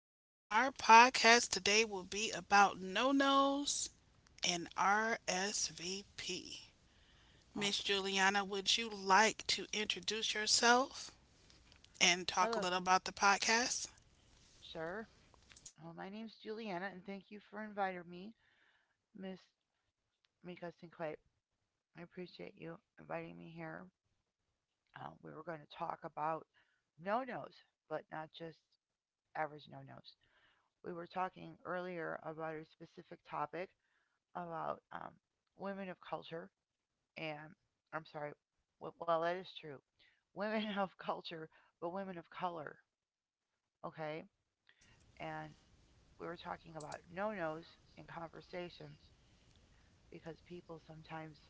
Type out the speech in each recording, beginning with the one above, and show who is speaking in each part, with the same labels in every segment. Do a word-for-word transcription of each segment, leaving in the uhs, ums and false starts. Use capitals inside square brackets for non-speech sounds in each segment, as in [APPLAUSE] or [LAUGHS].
Speaker 1: and our podcast today will be about no nos and R S V P. Miss
Speaker 2: Awesome.
Speaker 1: Juliana, would you like to introduce yourself and talk a
Speaker 2: Hello,
Speaker 1: little about the podcast?
Speaker 2: sir. Well, my name's Juliana, and thank you for inviting me, Miss Mikkelsen Clay. I appreciate you inviting me here. Uh, we were going to talk about no nos, but not just average no nos. We were talking earlier about a specific topic about um, women of culture, and I'm sorry, w- well, that is true. Women [LAUGHS] of culture, but women of color, okay? And we were talking about no nos in conversation because people sometimes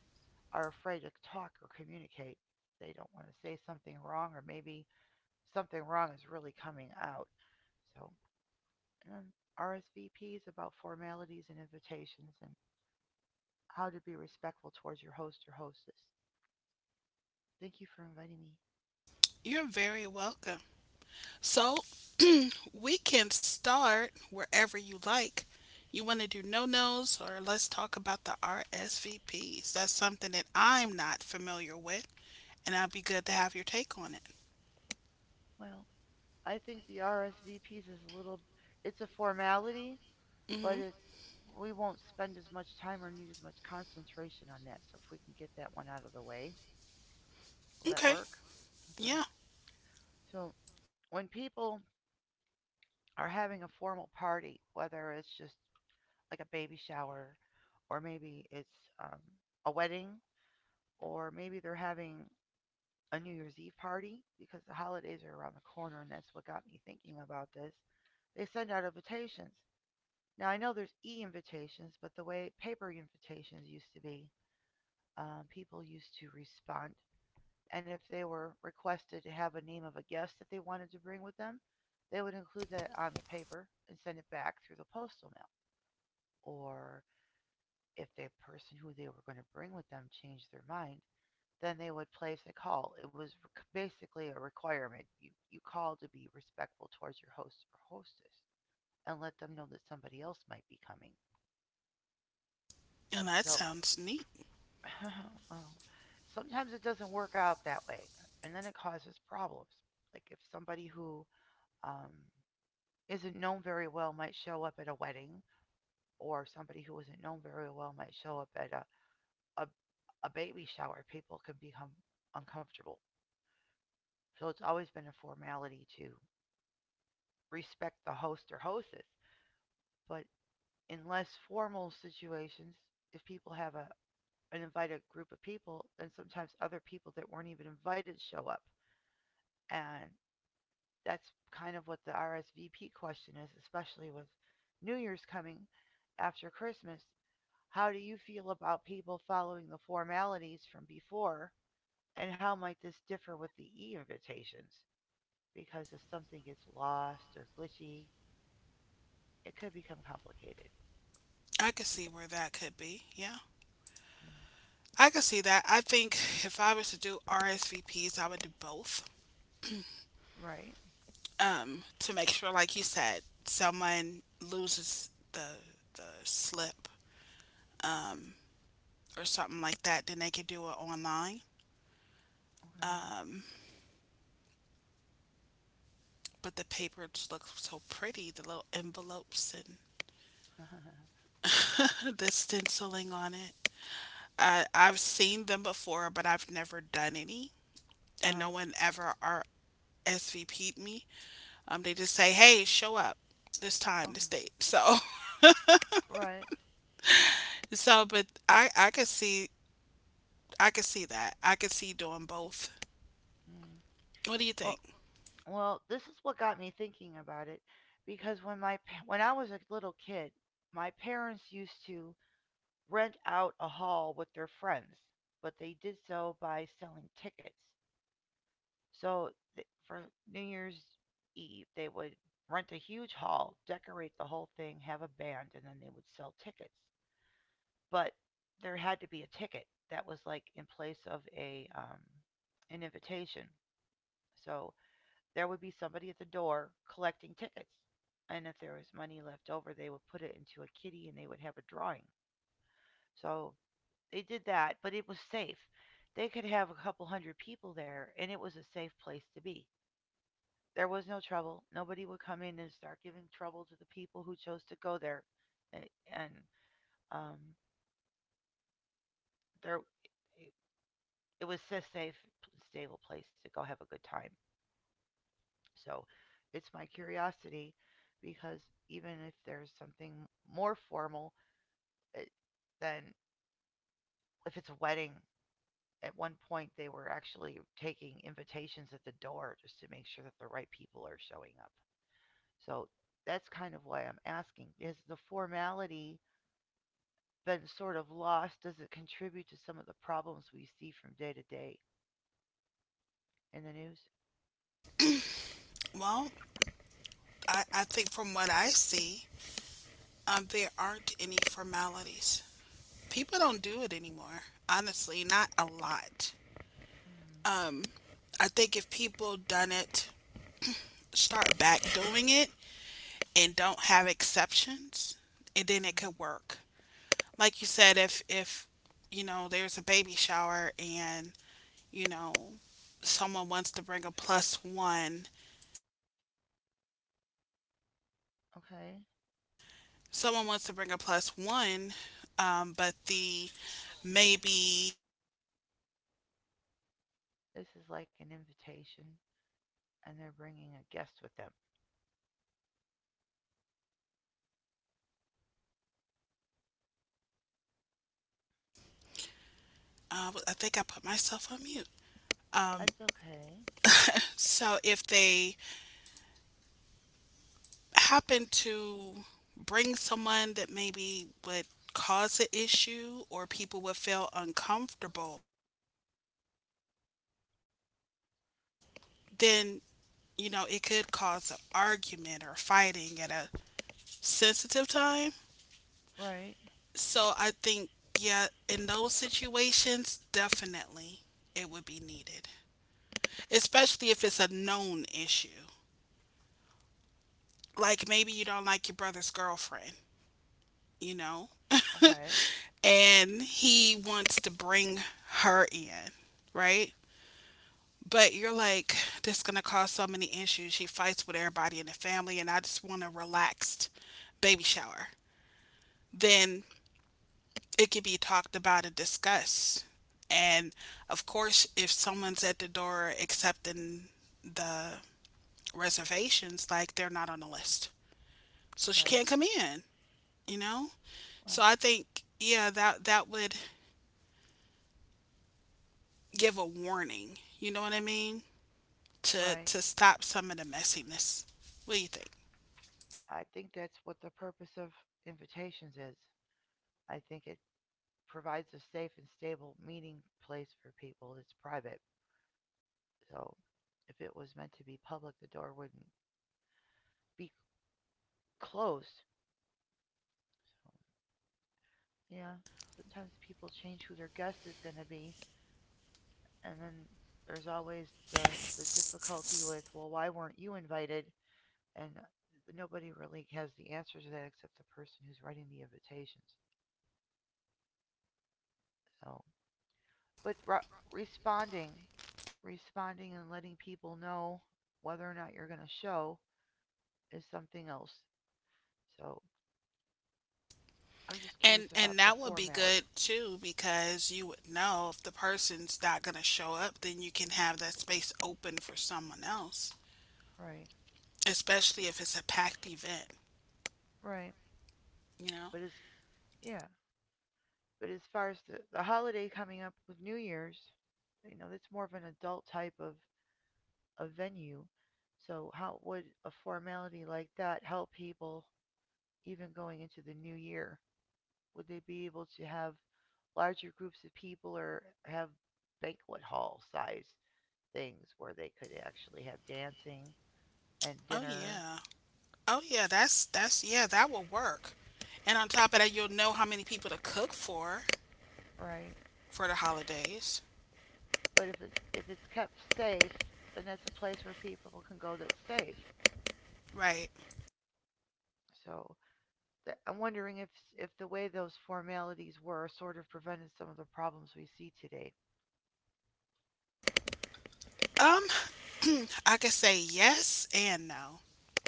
Speaker 2: are afraid to talk or communicate. They don't want to say something wrong, or maybe something wrong is really coming out. So, um, R S V Ps about formalities and invitations and how to be respectful towards your host or hostess. Thank you for inviting me.
Speaker 1: You're very welcome. So, [CLEARS THROAT] we can start wherever you like. You want to do no nos, or let's talk about the R S V Ps. That's something that I'm not familiar with. And I'd be good to have your take on it.
Speaker 2: Well, I think the R S V Ps is a little, it's a formality
Speaker 1: Hmm.
Speaker 2: but it's, we won't spend as much time or need as much concentration on that. So if we can get that one out of the way, will that
Speaker 1: Okay.
Speaker 2: work? Okay.
Speaker 1: Yeah.
Speaker 2: So when people are having a formal party, whether it's just like a baby shower or maybe it's um, a wedding or maybe they're having a New Year's Eve party because the holidays are around the corner and that's what got me thinking about this. They send out invitations. Now I know there's e-invitations, but the way paper invitations used to be, um, people used to respond. And if they were requested to have a name of a guest that they wanted to bring with them, they would include that on the paper and send it back through the postal mail. Or if the person who they were going to bring with them changed their mind, then they would place a call. It was basically a requirement. You, you called to be respectful towards your host or hostess and let them know that somebody else might be coming.
Speaker 1: And that
Speaker 2: So
Speaker 1: sounds neat.
Speaker 2: [LAUGHS] well, sometimes it doesn't work out that way, and then it causes problems. Like if somebody who um, isn't known very well might show up at a wedding, or somebody who isn't known very well might show up at a, a, a baby shower, people can become uncomfortable. So it's always been a formality to respect the host or hostess. But in less formal situations, if people have a, an invited group of people, then sometimes other people that weren't even invited show up. And that's kind of what the R S V P question is, especially with New Year's coming after Christmas. How do you feel about people following the formalities from before, and how might this differ with the e invitations? Because if something gets lost or glitchy, it could become complicated.
Speaker 1: I could
Speaker 2: Do you,
Speaker 1: see where that could be. Yeah.
Speaker 2: mm,
Speaker 1: I could see that. I think if I was to do R S V Ps, I would do both.
Speaker 2: right?
Speaker 1: Um, to make sure, like you said, someone loses the the slip, um, or something like that, then they could do it online.
Speaker 2: Okay.
Speaker 1: Um, but the paper just looks so pretty, the little envelopes and
Speaker 2: [LAUGHS]
Speaker 1: [LAUGHS] the stenciling on it. I I've seen them before, but I've never done any.
Speaker 2: Uh
Speaker 1: And no
Speaker 2: huh.
Speaker 1: one ever are S V P'd me. Um, they just say, "Hey, show up this time,
Speaker 2: Okay.
Speaker 1: this date." [LAUGHS] So,
Speaker 2: Right.
Speaker 1: so, but I, I could see, I could see that. I could see doing both.
Speaker 2: Mm.
Speaker 1: What do you
Speaker 2: Well,
Speaker 1: think?
Speaker 2: Well, this is what got me thinking about it because when my pa- when I was a little kid, my parents used to rent out a hall with their friends, but they did so by selling tickets. So th- for New Year's Eve, they would rent a huge hall, decorate the whole thing, have a band, and then they would sell tickets. But there had to be a ticket that was like in place of a um, an invitation. So there would be somebody at the door collecting tickets. And if there was money left over, they would put it into a kitty and they would have a drawing. So they did that, but it was safe. They could have a couple hundred people there, and it was a safe place to be. There was no trouble. Nobody would come in and start giving trouble to the people who chose to go there. And, and um, there, it, it was a safe, stable place to go have a good time. So it's my curiosity because even if there's something more formal, it, then if it's a wedding, at one point they were actually taking invitations at the door just to make sure that the right people are showing up. So that's kind of why I'm asking. Is the formality been sort of lost? Does it contribute to some of the problems we see from day to day in the news?
Speaker 1: Well, I, I think from what I see, um, there aren't any formalities. People don't do it anymore. Honestly, not a lot.
Speaker 2: Mm,
Speaker 1: Um, I think if people done it, start back doing it, and don't have exceptions, and then it
Speaker 2: mm,
Speaker 1: could work. Like you said, if if you know there's a baby shower and you know someone wants to bring a plus one,
Speaker 2: okay.
Speaker 1: someone wants to bring a plus one, um, but the maybe
Speaker 2: This is like an invitation, and they're bringing a guest with them.
Speaker 1: uh, I think I put myself on mute. Um,
Speaker 2: That's okay.
Speaker 1: so if they happen to bring someone that maybe would cause an issue or people would feel uncomfortable, then you know it could cause an argument or fighting at a sensitive time.
Speaker 2: Right.
Speaker 1: So I think, yeah, in those situations, definitely it would be needed, especially if it's a known issue. Like maybe you don't like your brother's girlfriend, you know, [LAUGHS]
Speaker 2: Okay.
Speaker 1: and he wants to bring her in, right? But you're like, this is gonna cause so many issues. She fights with everybody in the family, and I just want a relaxed baby shower. Then it can be talked about and discussed. And of course, if someone's at the door accepting the reservations, like they're not on the list. So she
Speaker 2: Right.
Speaker 1: can't come in, you know? So
Speaker 2: Well,
Speaker 1: I think yeah, that that would give a warning, you know what I mean? To
Speaker 2: right.
Speaker 1: to stop some of the messiness. What do you think?
Speaker 2: I think that's what the purpose of invitations is. I think it provides a safe and stable meeting place for people. It's private. So if it was meant to be public, the door wouldn't be closed. So, yeah. Sometimes people change who their guest is going to be. And then there's always the, the difficulty with, well, why weren't you invited? And nobody really has the answer to that except the person who's writing the invitations. So, but re- responding, responding, and letting people know whether or not you're going to show is something else. So, I'm just
Speaker 1: And
Speaker 2: curious about
Speaker 1: and
Speaker 2: the
Speaker 1: that would be
Speaker 2: formality.
Speaker 1: good too because you would know if the person's not going to show up, then you can have that space open for someone else.
Speaker 2: Right,
Speaker 1: Especially if it's a packed event,
Speaker 2: right.
Speaker 1: you know?
Speaker 2: But as yeah, but as far as the, the holiday coming up with New Year's, you know, that's more of an adult type of a venue. So, how would a formality like that help people even going into the new year? Would they be able to have larger groups of people or have banquet hall size things where they could actually have dancing and
Speaker 1: Oh
Speaker 2: dinner,
Speaker 1: yeah. Oh yeah, that's that's yeah, that will work. And on top of that, you'll know how many people to cook for
Speaker 2: right?
Speaker 1: for the holidays.
Speaker 2: But if it if it's kept safe, then it's a place where people can go that's safe.
Speaker 1: Right.
Speaker 2: So th- I'm wondering if if the way those formalities were sort of prevented some of the problems we see today.
Speaker 1: Um, I could say yes and no.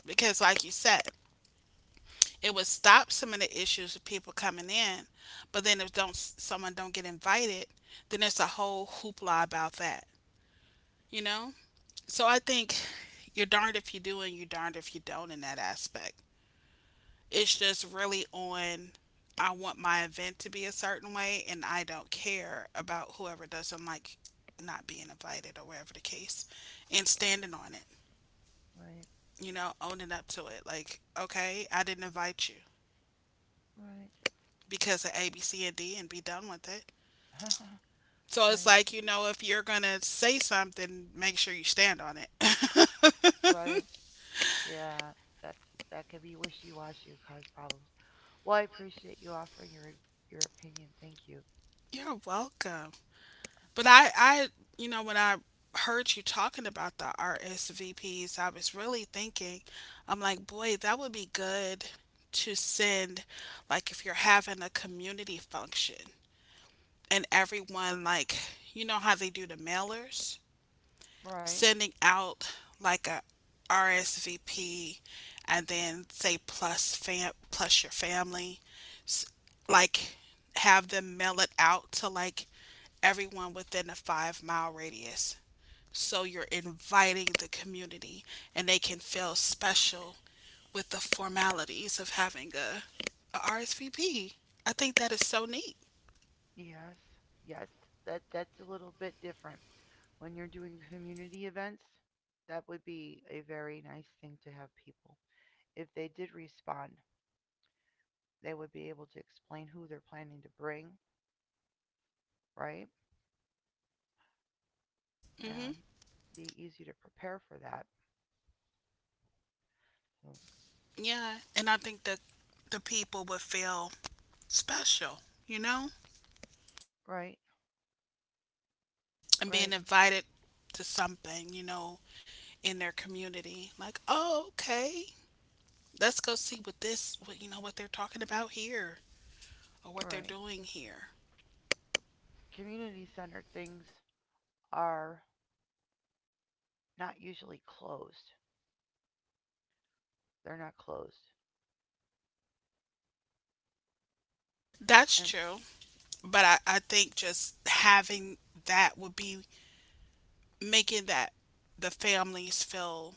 Speaker 1: Because like you said, it would stop some of the issues of people coming in, but then if don't someone don't get invited, then it's a whole hoopla about that, you know? So I think you're darned if you do and you're darned if you don't in that aspect. It's just really on I want my event to be a certain way and I don't care about whoever doesn't like not being invited or whatever the case and standing on it,
Speaker 2: Right,
Speaker 1: you know, owning up to it. Like, okay, I didn't invite you
Speaker 2: right,
Speaker 1: because of A, B, C, and D and be done with it.
Speaker 2: [LAUGHS]
Speaker 1: So it's
Speaker 2: right,
Speaker 1: like, you know, if you're going to say something, make sure you stand on it.
Speaker 2: right. Yeah, that that can be wishy-washy or cause problems. Well, I appreciate you offering your your opinion. Thank you.
Speaker 1: [LAUGHS] You're welcome. But I, I, you know, when I heard you talking about the R S V Ps, I was really thinking, I'm like, boy, that would be good to send, like, if you're having a community function and everyone, like, you know how they do the mailers?
Speaker 2: Right.
Speaker 1: Sending out like a R S V P and then say plus fam plus your family S- like have them mail it out to like everyone within a five mile radius so you're inviting the community and they can feel special with the formalities of having a, R S V P. I think that is so neat.
Speaker 2: Yes. Yes. That that's a little bit different. When you're doing community events, that would be a very nice thing to have people. If they did respond, they would be able to explain who they're planning to bring, right?
Speaker 1: Hmm.
Speaker 2: And be easy to prepare for that. So,
Speaker 1: Yeah, and I think that the people would feel special, you know,
Speaker 2: right,
Speaker 1: and being
Speaker 2: right,
Speaker 1: invited to something, you know, in their community. Like, oh, okay, let's go see what this, what you know, what they're talking about here or what they're
Speaker 2: right.
Speaker 1: doing here.
Speaker 2: Community centered things are not usually closed. They're not closed.
Speaker 1: That's
Speaker 2: And
Speaker 1: true, but I, I think just having that would be making that the families feel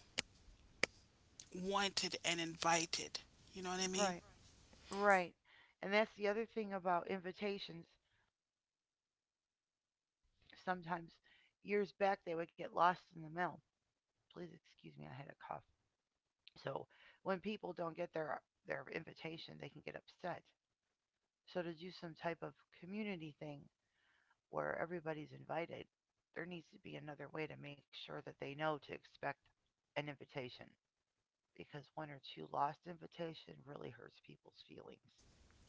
Speaker 1: wanted and invited. You know what I mean?
Speaker 2: right, right. And that's the other thing about invitations. Sometimes years back they would get lost in the mail. Please excuse me, I had a cough. So when people don't get their their invitation, they can get upset. So to do some type of community thing where everybody's invited, there needs to be another way to make sure that they know to expect an invitation because one or two lost invitation really hurts people's feelings.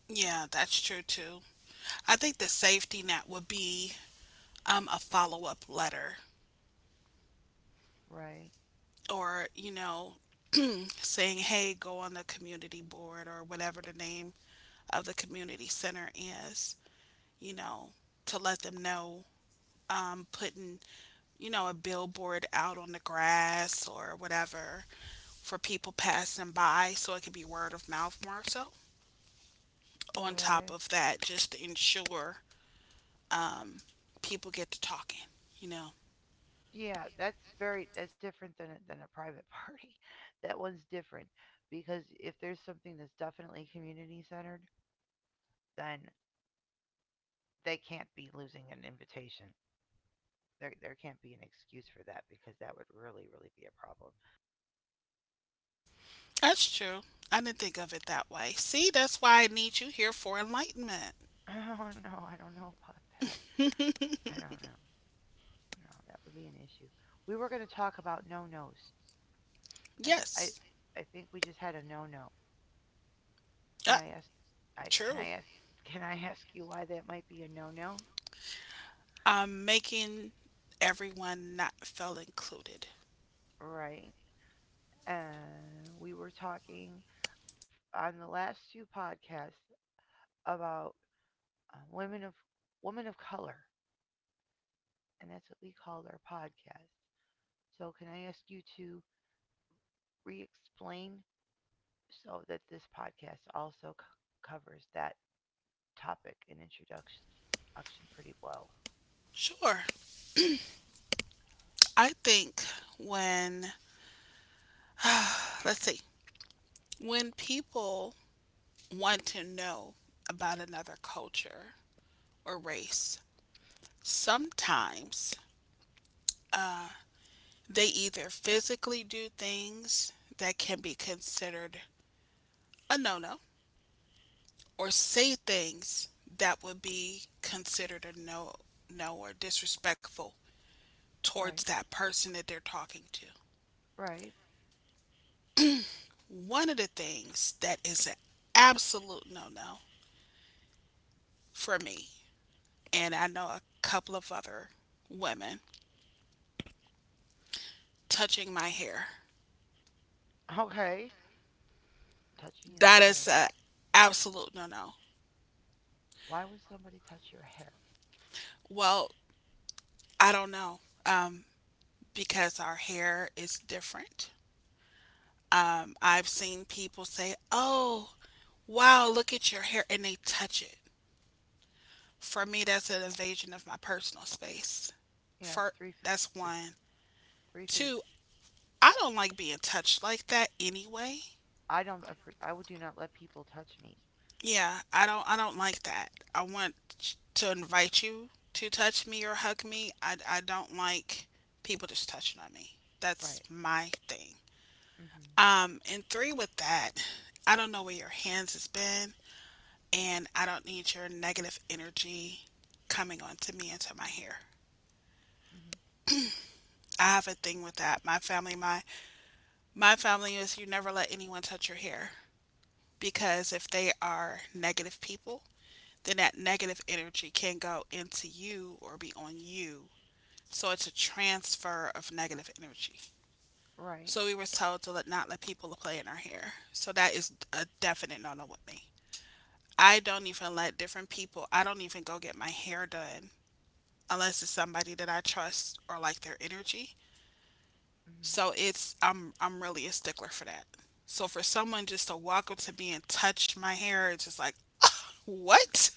Speaker 1: Yeah, that's true too. I think the safety net would be um, a follow up letter
Speaker 2: Right.
Speaker 1: or you know [CLEARS THROAT] saying hey go on the community board or whatever the name of the community center is you know to let them know um, putting you know a billboard out on the grass or whatever for people passing by so it could be word of mouth more so on top
Speaker 2: Right.
Speaker 1: of that just to ensure um, people get to talking you know.
Speaker 2: Yeah, that's very that's different than a, than a private [LAUGHS] party. That one's different because if there's something that's definitely community centered, then they can't be losing an invitation. There there can't be an excuse for that because that would really really be a problem. [LAUGHS]
Speaker 1: That's true. I didn't think of it that way. See that's why I need you here for enlightenment.
Speaker 2: Oh no, I don't know about that. I don't know. No, that would be an issue. We were going to talk about no nos, and I
Speaker 1: Yes.
Speaker 2: I think we just had a no no. Can
Speaker 1: Uh,
Speaker 2: I ask? I can
Speaker 1: true.
Speaker 2: I ask? Can I ask you why that might be a no no?
Speaker 1: Um, making everyone not feel included.
Speaker 2: Right. And we were talking on the last two podcasts about uh, women of women of color, and that's what we called our podcast. So, can I ask you to re-explain so that this podcast also c- covers that topic and introduction action pretty well?
Speaker 1: Sure. I think when, let's see, when people want to know about another culture or race, sometimes uh, they either physically do things that can be considered a no no or say things that would be considered a no no or disrespectful towards
Speaker 2: Right,
Speaker 1: that person that they're talking to.
Speaker 2: right,
Speaker 1: One of the things that is an absolute no no for me, and I know a couple of other women, touching my hair.
Speaker 2: okay. Touching your
Speaker 1: That is
Speaker 2: hair.
Speaker 1: an absolute no no.
Speaker 2: Why would somebody touch your hair?
Speaker 1: Well, I don't know um, because our hair is different. Um, I've seen people say, oh, wow, look at your hair, and they touch it. For me, that's an invasion of my personal space.
Speaker 2: Yeah, it's
Speaker 1: For
Speaker 2: three three
Speaker 1: that's
Speaker 2: three
Speaker 1: one.
Speaker 2: feet.
Speaker 1: Two, I don't like being touched like that anyway.
Speaker 2: I don't. I would do not let people touch me.
Speaker 1: Yeah, I don't I don't like that. I want to invite you to touch me or hug me. I, I don't like people just touching on me. That's
Speaker 2: Right.
Speaker 1: my thing.
Speaker 2: Hmm.
Speaker 1: Um and three with that, I don't know where your hands has been and I don't need your negative energy coming onto me into my hair.
Speaker 2: Mhm.
Speaker 1: I have a thing with that. My family my my family is you never let anyone touch your hair because if they are negative people then that negative energy can go into you or be on you. So it's a transfer of negative energy.
Speaker 2: Right.
Speaker 1: So we were told to let, not let people play in our hair. So that is a definite no no with me. I don't even let different people, I don't even go get my hair done unless it's somebody that I trust or like their energy.
Speaker 2: Mhm.
Speaker 1: So it's I'm I'm really a stickler for that. So for someone just to walk up to me and touch my hair, it's just like, what?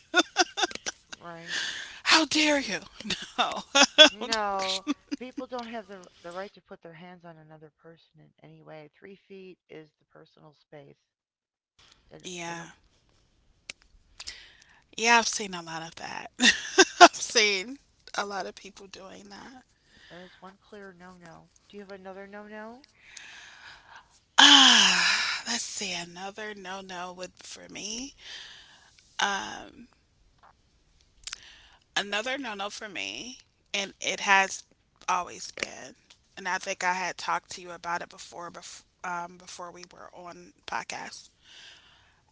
Speaker 2: Right.
Speaker 1: How dare you? No.
Speaker 2: No,
Speaker 1: [LAUGHS]
Speaker 2: people don't have the the right to put their hands on another person in any way. Three feet is the personal space. They don't. They
Speaker 1: Yeah.
Speaker 2: don't.
Speaker 1: Yeah, I've seen a lot of that. [LAUGHS] I've seen a lot of people doing that.
Speaker 2: And it's one clear no no. Do you have another no no?
Speaker 1: [SIGHS] Ah, let's see. Another no no would for me. Um, another no no for me, and it has always been. And I think I had talked to you about it before, bef- um, before we were on podcast.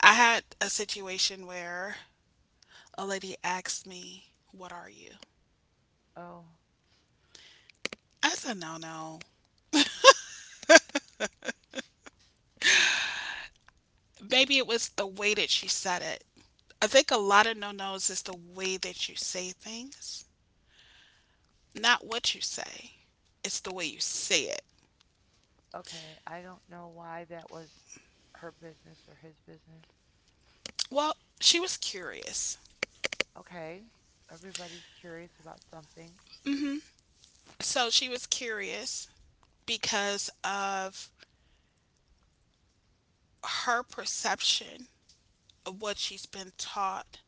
Speaker 1: I had a situation where a lady asked me, "What are you?"
Speaker 2: Oh,
Speaker 1: That's a no no. Maybe it was the way that she said it. I think a lot of no nos is the way that you say things, not what you say. It's the way you say it.
Speaker 2: okay. I don't know why that was her business or his business.
Speaker 1: Well, she was curious.
Speaker 2: Okay. Everybody's curious about something.
Speaker 1: So she was curious because of her perception of what she's been taught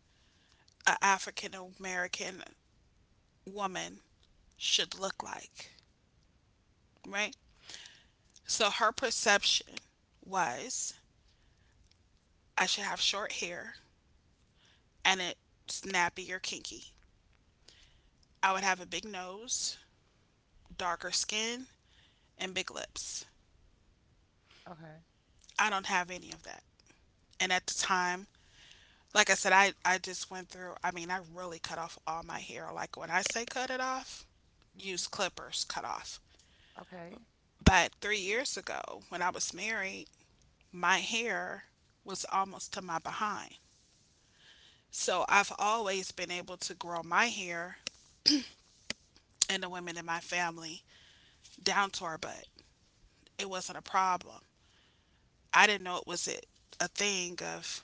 Speaker 1: an African American woman should look like, right? So her perception was I should have short hair and it's nappy or kinky. I would have a big nose, darker skin, and big lips.
Speaker 2: Okay.
Speaker 1: I don't have any of that. And at the time, like I said, I, I just went through, I mean, I really cut off all my hair. Like when I say cut it off,
Speaker 2: Mhm.
Speaker 1: use clippers, cut off.
Speaker 2: Okay.
Speaker 1: But three years ago, when I was married, my hair was almost to my behind. So I've always been able to grow my hair and the women in my family down to our butt. It wasn't a problem. I didn't know it was a, thing of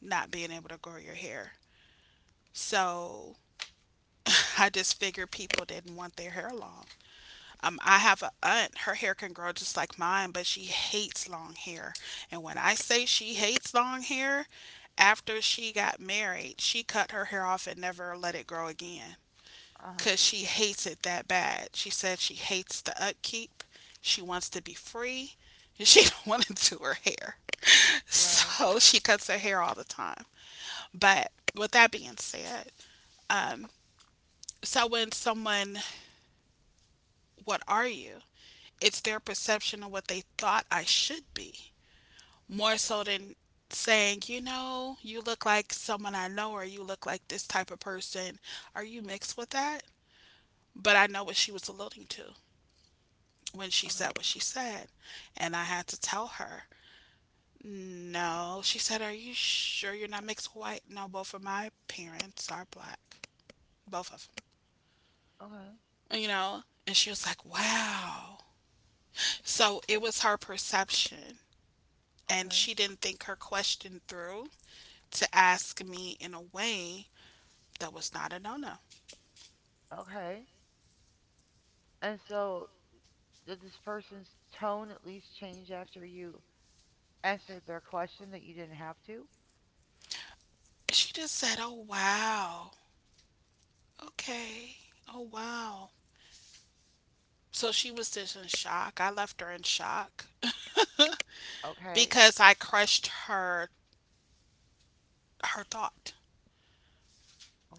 Speaker 1: not being able to grow your hair. So I just figured people didn't want their hair long. Um, I have a aunt, her hair can grow just like mine, but she hates long hair. And when I say she hates long hair, after she got married, she cut her hair off and never let it grow again
Speaker 2: Uh huh.
Speaker 1: because she hates it that bad. She said she hates the upkeep. She wants to be free. And She [LAUGHS] don't want to do her hair.
Speaker 2: Right.
Speaker 1: So she cuts her hair all the time. But with that being said, um, so when someone, what are you? It's their perception of what they thought I should be, more so than saying, you know, you look like someone I know, or you look like this type of person. Are you mixed with that? But I know what she was alluding to when she
Speaker 2: Okay.
Speaker 1: said what she said. And I had to tell her, no. She said, "Are you sure you're not mixed white?" No, both of my parents are black. Both of
Speaker 2: Okay.
Speaker 1: them. You know? And she was like, "Wow." So it was her perception. And
Speaker 2: Okay.
Speaker 1: she didn't think her question through to ask me in a way that was not a no no.
Speaker 2: Okay. And so did this person's tone at least change after you answered their question that you didn't have to?
Speaker 1: She just said, "Oh, wow. Okay. Oh, wow." So she was just in shock. I left her in shock [LAUGHS]
Speaker 2: Okay.
Speaker 1: because I crushed her her thought.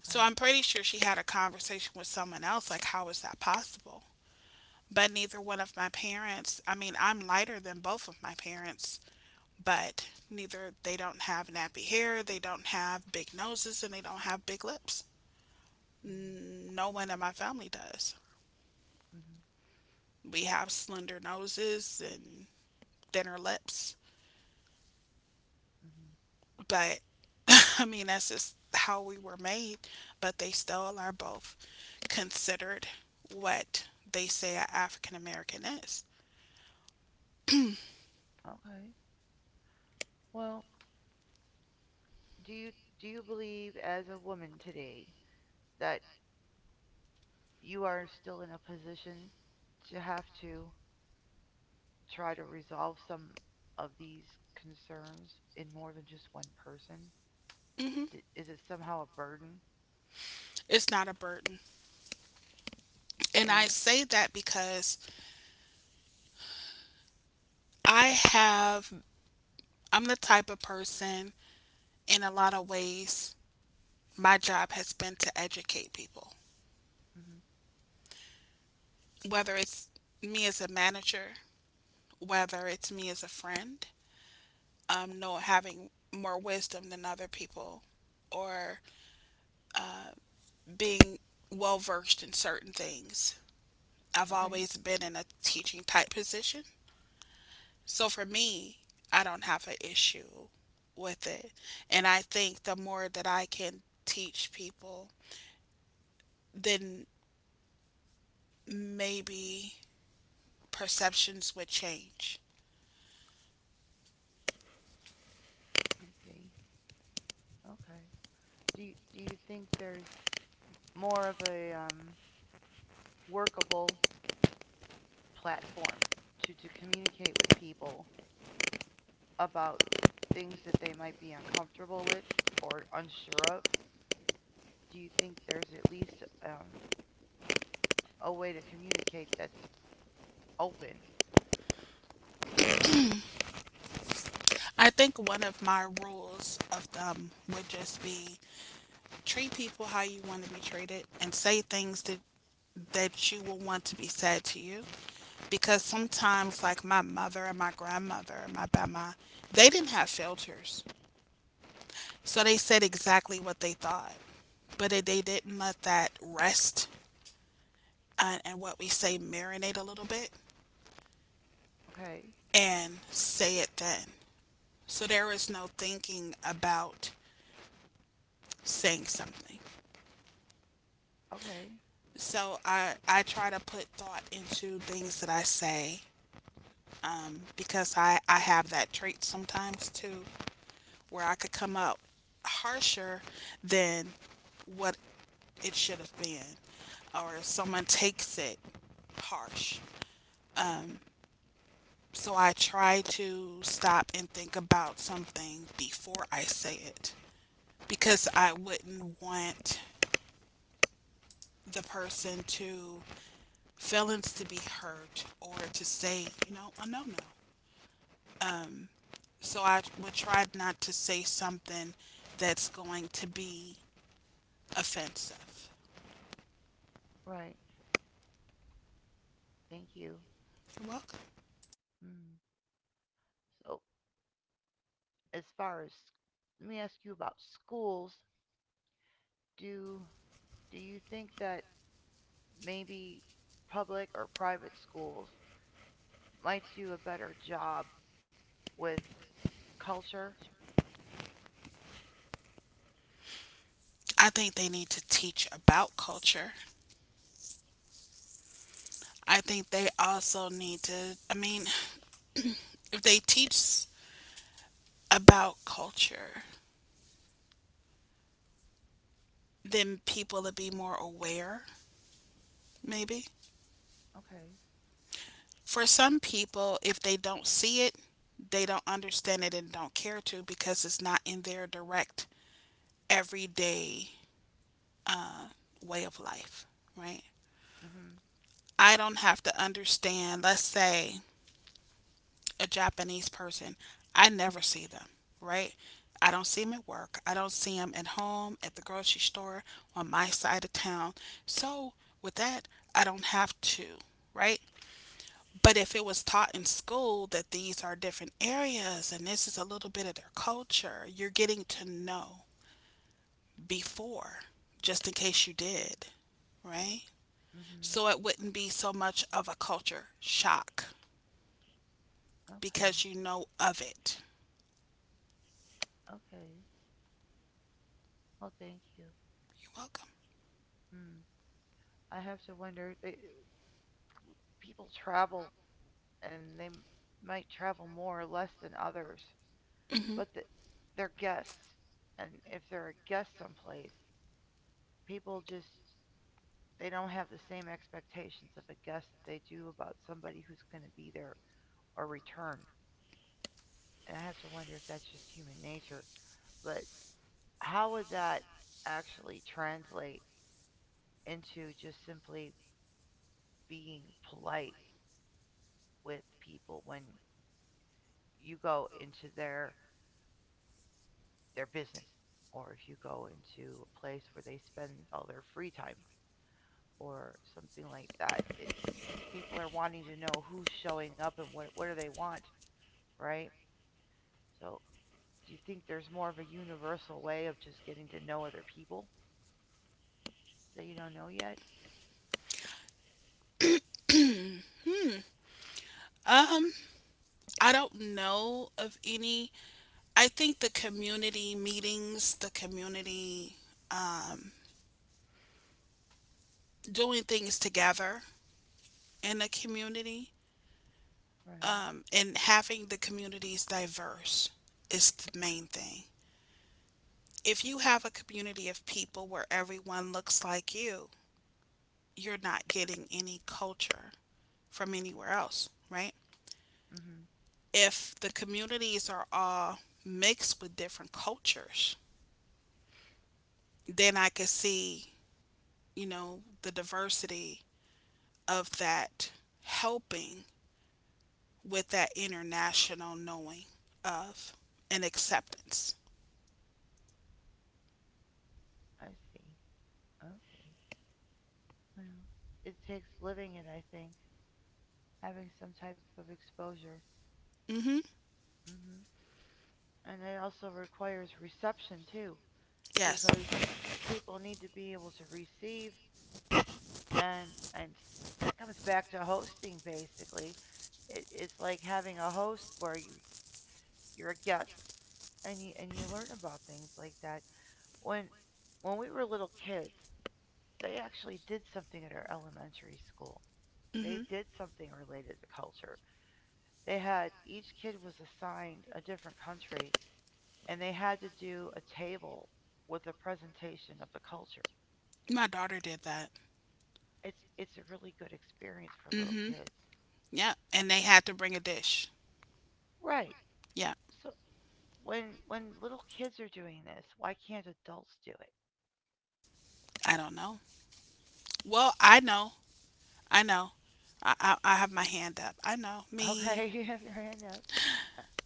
Speaker 1: So I'm pretty sure she had a conversation with someone else like, how is that possible? But neither one of my parents, I mean, I'm lighter than both of my parents, but neither, they don't have nappy hair, they don't have big noses and they don't have big lips.
Speaker 2: Hmm.
Speaker 1: No one in my family does.
Speaker 2: Hmm.
Speaker 1: We have slender noses and thinner lips,
Speaker 2: Hmm.
Speaker 1: but [LAUGHS] I mean, that's just how we were made. But they still are both considered what they say an African American is.
Speaker 2: Okay. Well, do you do you believe as a woman today that you are still in a position to have to try to resolve some of these concerns in more than just one person?
Speaker 1: Hmm.
Speaker 2: D- is it somehow a burden?
Speaker 1: It's not a burden. And I
Speaker 2: No.
Speaker 1: say that because I have, I'm the type of person in a lot of ways, my job has been to educate people,
Speaker 2: Hmm.
Speaker 1: whether it's me as a manager, whether it's me as a friend, um, know, having more wisdom than other people, or uh, being well versed in certain things. I've
Speaker 2: Okay.
Speaker 1: always been in a teaching type position, so for me, I don't have an issue with it, and I think the more that I can teach people, then maybe perceptions would change.
Speaker 2: I see. Okay. Do you, do you think there's more of a um, workable platform to, to communicate with people about things that they might be uncomfortable with or unsure of? Do you think there's at least um, a way to communicate that's open?
Speaker 1: I think one of my rules of thumb would just be treat people how you want to be treated and say things that, that you will want to be said to you, because sometimes like my mother and my grandmother and my grandma, they didn't have filters, so they said exactly what they thought, but they, they didn't let that rest and, and what we say marinate a little bit
Speaker 2: Okay,
Speaker 1: and say it then, so there was no thinking about saying something.
Speaker 2: okay,
Speaker 1: So i i try to put thought into things that I say, um, because I, I have that trait sometimes too, where I could come out harsher than what it should have been, or someone takes it harsh. So I try to stop and think about something before I say it because I wouldn't want the person to feelings to be hurt or to say, you know, a no no. So I would try not to say something that's going to be offensive.
Speaker 2: right. Thank you.
Speaker 1: You're welcome.
Speaker 2: Mm. So, as far as let me ask you about schools, do do you think that maybe public or private schools might do a better job with culture.
Speaker 1: I think they need to teach about culture. I think they also need to, I mean, if they teach about culture, then people would be more aware, maybe.
Speaker 2: Okay.
Speaker 1: For some people, if they don't see it, they don't understand it and don't care to, because it's not in their direct everyday way of life, right?
Speaker 2: Mhm.
Speaker 1: I don't have to understand, let's say, a Japanese person, I never see them, right? I don't see them at work. I don't see them at home, at the grocery store, on my side of town. So, with that, I don't have to, right? But if it was taught in school that these are different areas and this is a little bit of their culture, you're getting to know before, just in case you did, right?
Speaker 2: Mhm.
Speaker 1: So it wouldn't be so much of a culture shock
Speaker 2: Okay.
Speaker 1: because you know of it.
Speaker 2: Okay. Well, thank you.
Speaker 1: You're welcome.
Speaker 2: Hmm. I have to wonder. They, people travel, and they m- might travel more or less than others,
Speaker 1: Hmm.
Speaker 2: but the, they're guests, and if they're a guest someplace, people just they don't have the same expectations of a guest that they do about somebody who's going to be there or return. And I have to wonder if that's just human nature. But how would that actually translate into just simply being polite with people when you go into their their business, or if you go into a place where they spend all their free time or something like that, it's people are wanting to know who's showing up and what what do they want, right? So do you think there's more of a universal way of just getting to know other people that you don't know yet?
Speaker 1: Um, I don't know of any. I think the community meetings, the community, um, doing things together in a community,
Speaker 2: Right.
Speaker 1: um, and having the communities diverse is the main thing. If you have a community of people where everyone looks like you, you're not getting any culture from anywhere else, right?
Speaker 2: Mhm.
Speaker 1: If the communities are all mixed with different cultures, then I could see, you know, the diversity of that helping with that international knowing of and acceptance.
Speaker 2: I see. Okay. Well, it takes living it, I think, having some type of exposure.
Speaker 1: Mhm.
Speaker 2: Hmm. And it also requires reception too,
Speaker 1: Yes.
Speaker 2: because people need to be able to receive, and and that comes back to hosting basically. It, it's like having a host where you you're a guest, and you and you learn about things like that. When when we were little kids, they actually did something at our elementary school. They
Speaker 1: Mhm.
Speaker 2: did something related to culture. They had Each kid was assigned a different country, and they had to do a table with a presentation of the culture.
Speaker 1: My daughter did that.
Speaker 2: It's it's a really good experience for little
Speaker 1: Mhm.
Speaker 2: kids.
Speaker 1: Yeah, and they had to bring a dish.
Speaker 2: Right.
Speaker 1: Yeah.
Speaker 2: So when when little kids are doing this, why can't adults do it? [LAUGHS]
Speaker 1: I don't know. Well, I know. I know. I I, I have my hand up. I know.
Speaker 2: Okay,
Speaker 1: Me,
Speaker 2: you have your hand up.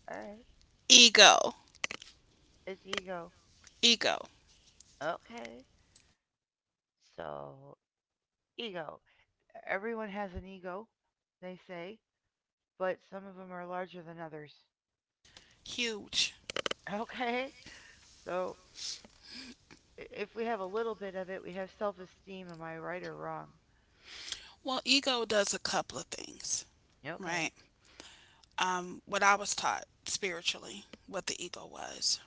Speaker 2: All right.
Speaker 1: ego.
Speaker 2: It's ego.
Speaker 1: Ego.
Speaker 2: Okay. So, ego. E-, Everyone has an ego, they say, but some of them are larger than others.
Speaker 1: Huge.
Speaker 2: [LAUGHS] Okay. So, if we have a little bit of it, we have self esteem. Am I right or wrong?
Speaker 1: Well, ego does a couple of things, right?
Speaker 2: Okay.
Speaker 1: um, what I was taught spiritually, what the ego was.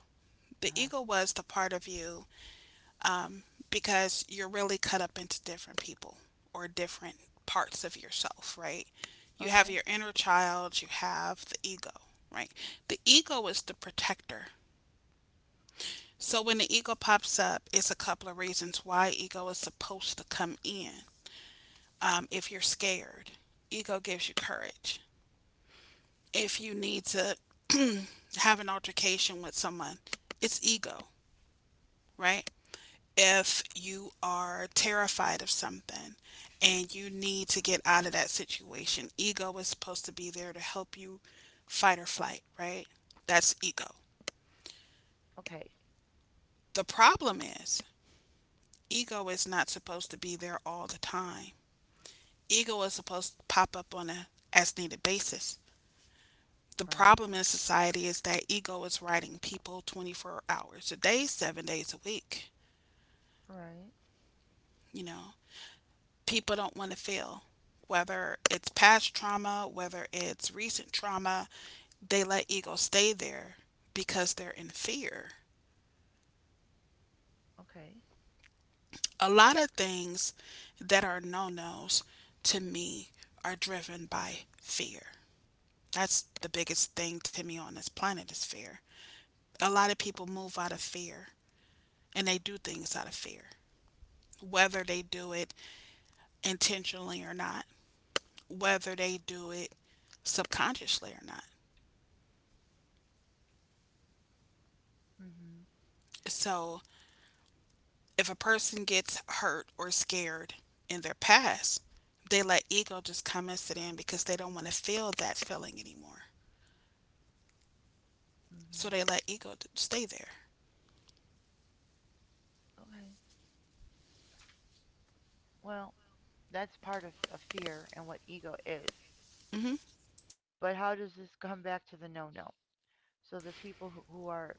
Speaker 1: The
Speaker 2: Uh-huh.
Speaker 1: ego was the part of you, um, because you're really cut up into different people or different parts of yourself, right? You have
Speaker 2: Okay.
Speaker 1: your inner child, you have the ego, right? The ego is the protector. So when the ego pops up, it's a couple of reasons why ego is supposed to come in. Um, if you're scared, ego gives you courage. If you need to [CLEARS THROAT] have an altercation with someone, it's ego, right? If you are terrified of something and you need to get out of that situation, ego is supposed to be there to help you fight or flight, right? That's ego.
Speaker 2: Okay.
Speaker 1: The problem is, ego is not supposed to be there all the time. Ego is supposed to pop up on a as needed basis. The
Speaker 2: Right.
Speaker 1: problem in society is that ego is riding people twenty-four hours a day, seven days a week.
Speaker 2: Right.
Speaker 1: You know, people don't want to fail. Whether it's past trauma, whether it's recent trauma, they let ego stay there because they're in fear.
Speaker 2: Okay.
Speaker 1: A lot of things that are no nos to me are driven by fear. That's the biggest thing to me on this planet is fear. A lot of people move out of fear and they do things out of fear, whether they do it intentionally or not, whether they do it subconsciously or not.
Speaker 2: Mhm.
Speaker 1: So, if a person gets hurt or scared in their past, they let ego just come and sit in because they don't want to feel that feeling anymore. So,
Speaker 2: Mhm.
Speaker 1: they let ego stay there.
Speaker 2: Okay. Well, that's part of a fear and what ego is.
Speaker 1: Hmm.
Speaker 2: But how does this come back to the no-no? So the people who, who are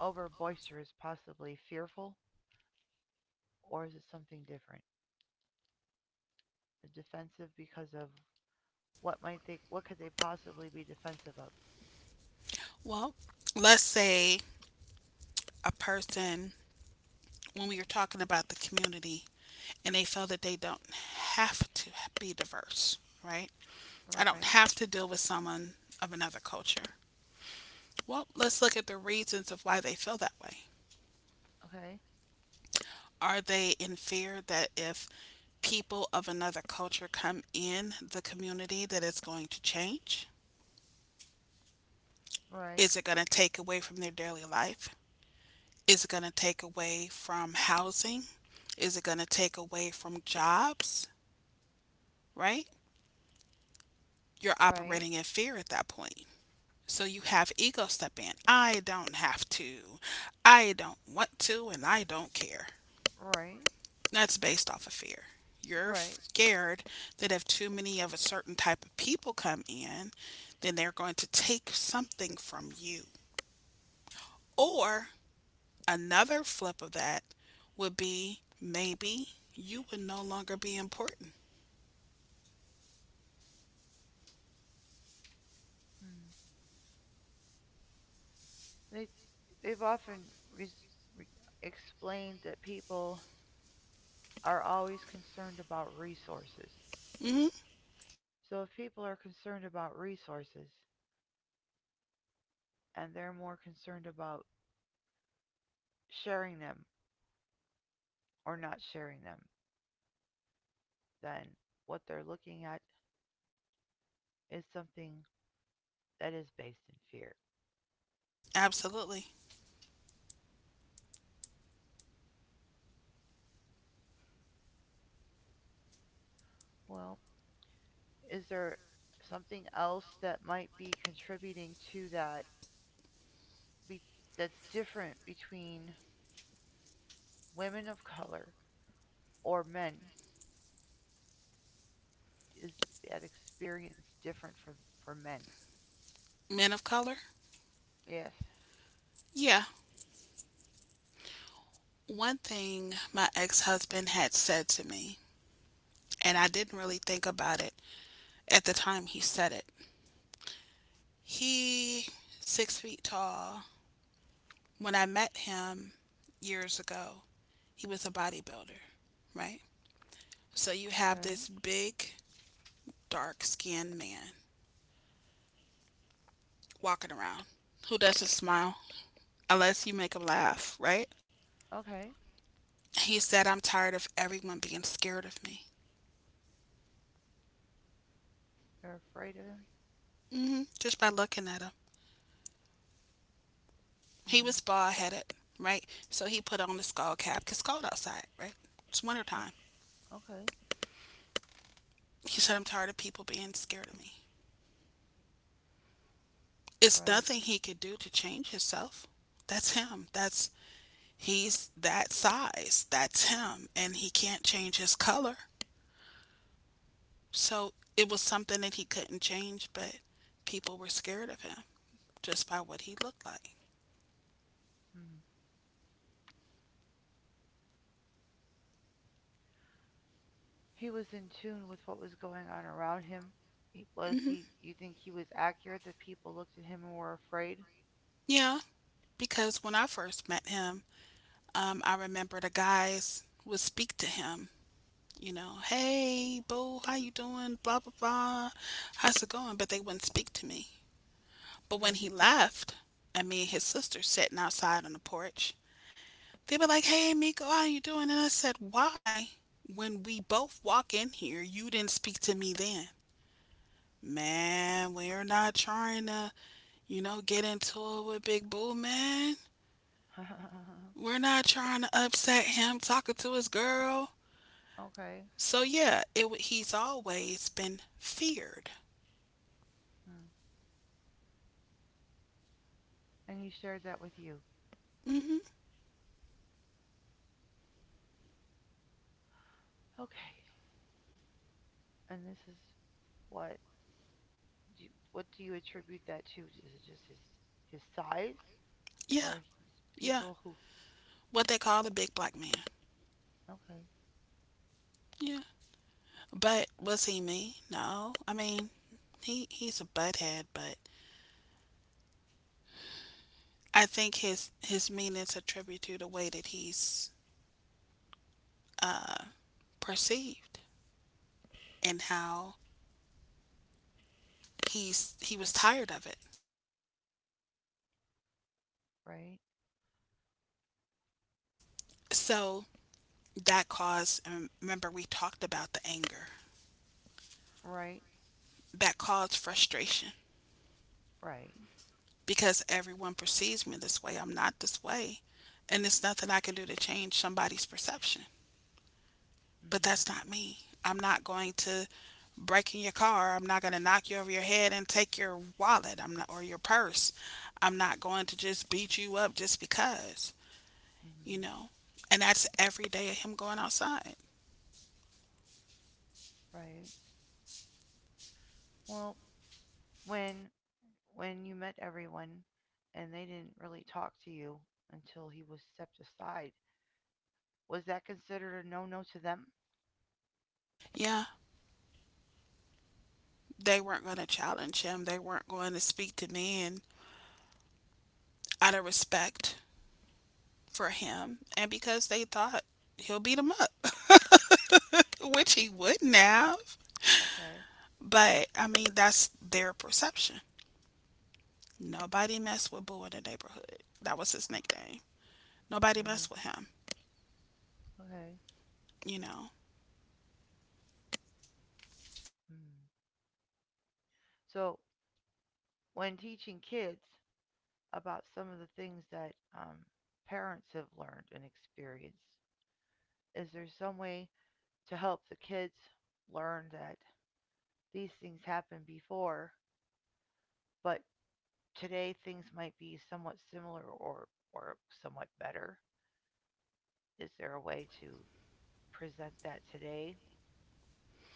Speaker 2: over boisterous, possibly fearful, or is it something different? Defensive because of what might they what could they possibly be defensive of?
Speaker 1: Well, let's say a person, when we were talking about the community, and they feel that they don't have to be diverse, right? I
Speaker 2: Right.
Speaker 1: don't have to deal with someone of another culture. Well, let's look at the reasons of why they feel that way.
Speaker 2: Okay.
Speaker 1: Are they in fear that if people of another culture come in the community that it's going to change?
Speaker 2: Right.
Speaker 1: Is it going to take away from their daily life? Is it going to take away from housing? Is it going to take away from jobs? Right? You're
Speaker 2: Right.
Speaker 1: operating in fear at that point. So you have ego step in. I don't have to. I don't want to and I don't care.
Speaker 2: Right.
Speaker 1: That's based off of fear. You're
Speaker 2: Right.
Speaker 1: scared that if too many of a certain type of people come in, then they're going to take something from you. Or another flip of that would be maybe you would no longer be important.
Speaker 2: Hmm. They they've often res, re, explained that people are always concerned about resources.
Speaker 1: Hmm.
Speaker 2: So if people are concerned about resources and they're more concerned about sharing them or not sharing them, then what they're looking at is something that is based in fear.
Speaker 1: Absolutely.
Speaker 2: Well, is there something else that might be contributing to that, be, that's different between women of color or men? Is that experience different for for men?
Speaker 1: Men of color?
Speaker 2: Yes.
Speaker 1: Yeah. One thing my ex husband had said to me, and I didn't really think about it at the time he said it. He, six feet tall. When I met him years ago, he was a bodybuilder, right? So you have
Speaker 2: Okay.
Speaker 1: this big, dark skinned man walking around who doesn't smile unless you make him laugh, right?
Speaker 2: Okay.
Speaker 1: He said, "I'm tired of everyone being scared of me."
Speaker 2: They are afraid of him.
Speaker 1: Hmm, just by looking at him. He
Speaker 2: Hmm.
Speaker 1: was bald headed, right? So he put on the skull cap because it's cold outside, right? It's wintertime.
Speaker 2: Okay. Okay.
Speaker 1: He said, "I'm tired of people being scared of me." It's
Speaker 2: Right.
Speaker 1: nothing he could do to change himself. That's him. That's, he's that size. That's him. And he can't change his color. So it was something that he couldn't change, but people were scared of him just by what he looked like.
Speaker 2: Hmm. He was in tune with what was going on around him. He- Was
Speaker 1: Hmm.
Speaker 2: he? Do you think he was accurate that people looked at him and were afraid?
Speaker 1: Yeah, because when I first met him, um, I remember the guys would speak to him, you know, "Hey, boo, how you doing? Blah, blah, blah. How's it going?" But they wouldn't speak to me. But when
Speaker 2: Okay.
Speaker 1: he left, and me and his sister sitting outside on the porch, they were like, "Hey, Miko, how you doing?" And I said, "Why? When we both walk in here, you didn't speak to me then." "Man, we're not trying to, you know, get into it with Big Boo, man.
Speaker 2: [LAUGHS]
Speaker 1: We're not trying to upset him talking to his girl."
Speaker 2: Okay.
Speaker 1: So yeah, it he's always been feared.
Speaker 2: Hmm. And he shared that with you.
Speaker 1: Hmm.
Speaker 2: Okay. And this is what? Do you, what do you attribute that to? Is it just his his size,
Speaker 1: Yeah,
Speaker 2: or his
Speaker 1: yeah.
Speaker 2: people, who?
Speaker 1: What they call the big black man.
Speaker 2: Okay.
Speaker 1: Yeah. But was he mean? No. I mean, he he's a butthead, but I think his his meaning's a tribute to the way that he's uh, perceived and how he's he was tired of it.
Speaker 2: Right,
Speaker 1: So that caused. And remember, we talked about the anger
Speaker 2: right,
Speaker 1: that caused frustration
Speaker 2: right.
Speaker 1: because everyone perceives me this way. I'm not this way, and there's nothing I can do to change somebody's perception. But
Speaker 2: Mm-hmm,
Speaker 1: that's not me. I'm not going to break in your car. I'm not going to knock you over your head and take your wallet. I'm not or your purse. I'm not going to just beat you up just because, you
Speaker 2: mm-hmm,
Speaker 1: know. And that's every day of him going outside.
Speaker 2: right. Well, when when you met everyone and they didn't really talk to you until he was stepped aside, was that considered a no-no to them?
Speaker 1: Yeah, they weren't going to challenge him. They weren't going to speak to me and out of respect for him and because they thought he'll beat him up. [LAUGHS] Which he wouldn't have.
Speaker 2: Okay.
Speaker 1: But I mean, that's their perception. Nobody mess with Boo in the neighborhood. That was his
Speaker 2: Huh.
Speaker 1: nickname. Nobody
Speaker 2: Mm-hmm,
Speaker 1: mess with him,
Speaker 2: okay.
Speaker 1: you know.
Speaker 2: Mm. So, when teaching kids about some of the things that um, parents have learned and experienced, is there some way to help the kids learn that these things happened before, but today things might be somewhat similar or or somewhat better. Is there a way to present that today,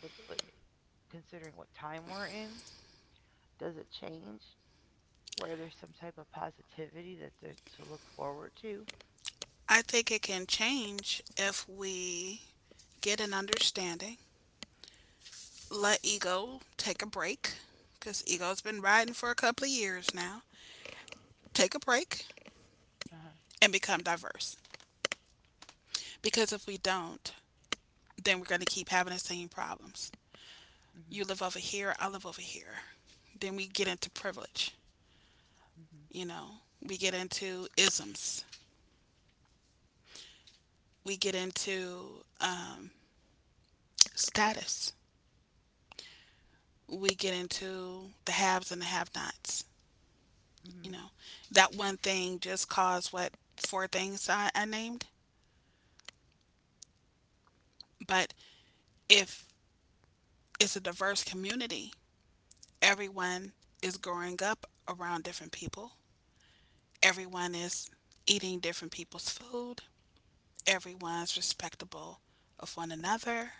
Speaker 2: with, with considering what time we're in? Does it change where there's some type of positivity that there, to look forward to?
Speaker 1: I think it can change if we get an understanding, let ego take a break, because ego's been riding for a couple of years now. Take a break
Speaker 2: Uh huh.
Speaker 1: and become diverse. Because if we don't, then we're going to keep having the same problems. You
Speaker 2: Mhm.
Speaker 1: live over here, I live over here. Then we get into privilege,
Speaker 2: Mhm.
Speaker 1: you know, we get into isms, we get into um, status. We get into the haves and the have nots. You
Speaker 2: Mhm.
Speaker 1: know, that one thing just caused what four things I, I named. But if it's a diverse community, everyone is growing up around different people, everyone is eating different people's food, everyone's respectable of one another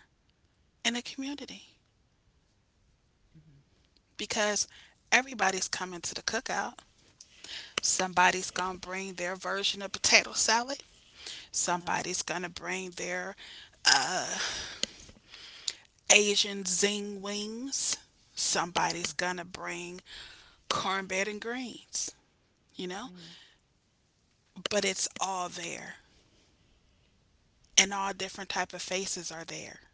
Speaker 1: in a community
Speaker 2: Mhm.
Speaker 1: because everybody's coming to the cookout. Somebody's gonna bring their version of potato salad.
Speaker 2: Uh huh.
Speaker 1: Somebody's gonna bring their Asian zing wings. Somebody's
Speaker 2: Okay.
Speaker 1: gonna bring cornbread and greens, you know?
Speaker 2: Mhm.
Speaker 1: But it's all there. And all different type of faces are there.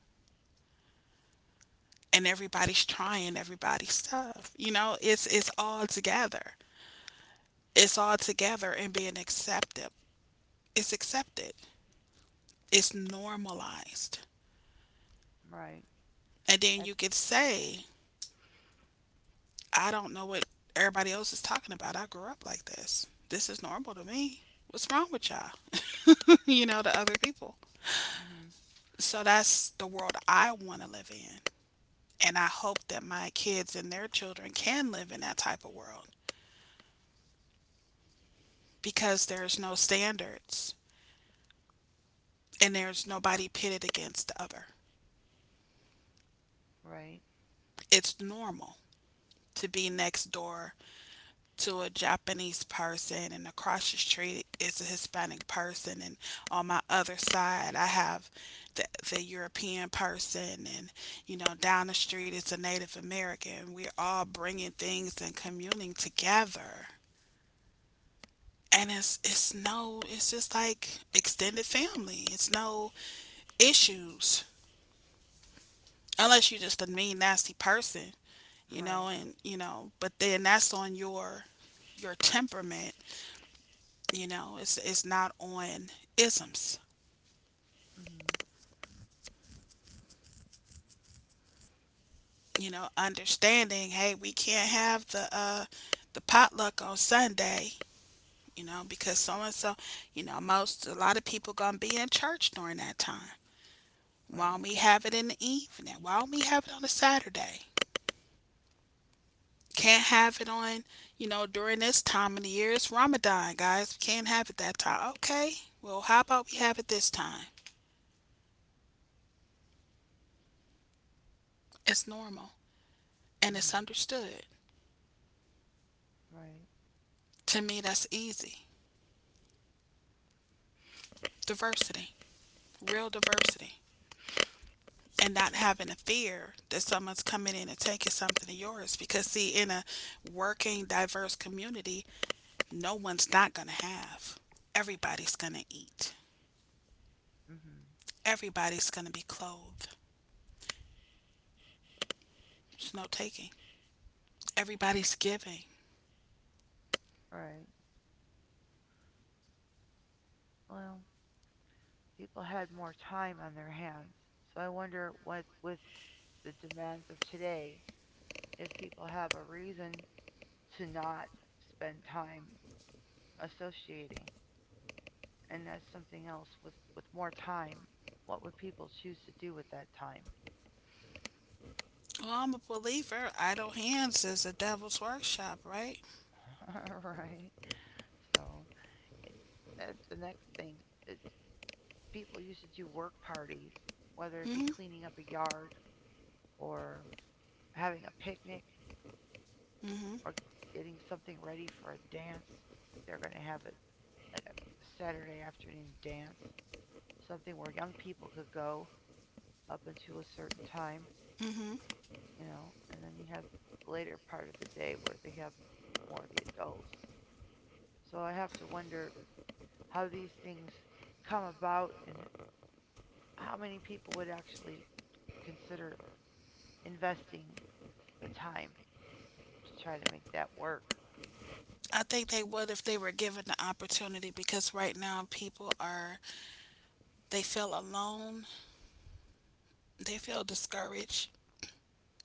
Speaker 1: And everybody's trying everybody's stuff. You know, it's it's all together. It's all together and being accepted. It's accepted. It's normalized.
Speaker 2: Right.
Speaker 1: And then you
Speaker 2: That.
Speaker 1: could say I don't know what everybody else is talking about. I grew up like this. This is normal to me. What's wrong with y'all? [LAUGHS] you know, to other people.
Speaker 2: Mhm.
Speaker 1: So that's the world I want to live in. And I hope that my kids and their children can live in that type of world because there's no standards and there's nobody pitted against the other.
Speaker 2: Right.
Speaker 1: It's normal to be next door to a Japanese person, and across the street is a Hispanic person, and on my other side I have the, the European person, and you know down the street is a Native American. We're all bringing things and communing together, and it's it's no, it's just like extended family. It's no issues unless you're just a mean nasty person, you know,
Speaker 2: Right.
Speaker 1: and you know, but then that's on your your temperament. You know, it's it's not on isms.
Speaker 2: Mhm.
Speaker 1: You know, understanding, hey, we can't have the uh the potluck on Sunday, you know, because so and so, you know, most a lot of people gonna be in church during that time. Why don't
Speaker 2: Right.
Speaker 1: we have it in the evening? Why don't we have it on a Saturday? Can't have it on, you know, during this time of the year. It's Ramadan, guys. We can't have it that time. Okay. Well, how about we have it this time? It's normal and it's
Speaker 2: Mhm.
Speaker 1: understood.
Speaker 2: Right.
Speaker 1: To me, that's easy. Diversity. Real diversity and not having a fear that someone's coming in and taking something of yours. Because, see, in a working, diverse community, no one's not going to have. Everybody's going to eat,
Speaker 2: Mhm.
Speaker 1: everybody's going to be clothed. There's no taking, everybody's giving.
Speaker 2: Right. Well, People had more time on their hands, so I wonder what, with the demands of today, if people have a reason to not spend time associating. And that's something else with with more time, what would people choose to do with that time?
Speaker 1: Well, I'm a believer. Idle hands is a devil's workshop, right?
Speaker 2: [LAUGHS] Right? So it, that's the next thing. It, People used to do work parties, whether it be
Speaker 1: Hmm.
Speaker 2: cleaning up a yard or having a picnic, are
Speaker 1: Hmm.
Speaker 2: getting something ready for a dance. If they're going to have it like a Saturday afternoon dance, something where young people could go up until a certain time,
Speaker 1: Hmm.
Speaker 2: you know, and then you have the later part of the day where they have more of the adults. So I have to wonder how these things come about and how many people would actually consider investing the time to try to make that work.
Speaker 1: I think they would if they were given the opportunity because right now people are, they feel alone, they feel discouraged,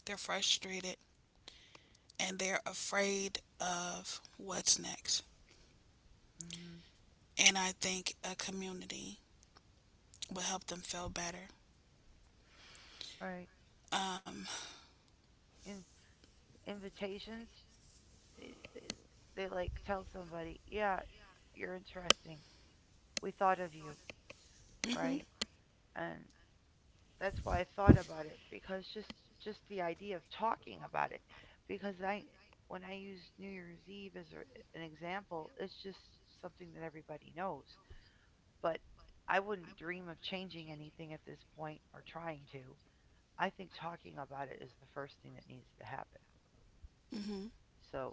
Speaker 1: they're frustrated and they're afraid of what's next.
Speaker 2: Mm-hmm.
Speaker 1: And I think a community will help them feel better.
Speaker 2: Right.
Speaker 1: Um,
Speaker 2: In- Invitations, they, they, they like tell somebody, yeah, you're interesting. We thought of you,
Speaker 1: hmm.
Speaker 2: right? And that's why I thought about it, because just just the idea of talking about it, because I when I use New Year's Eve as an example, it's just something that everybody knows. But I wouldn't dream of changing anything at this point or trying to. I think talking about it is the first thing that needs to happen.
Speaker 1: Hmm.
Speaker 2: So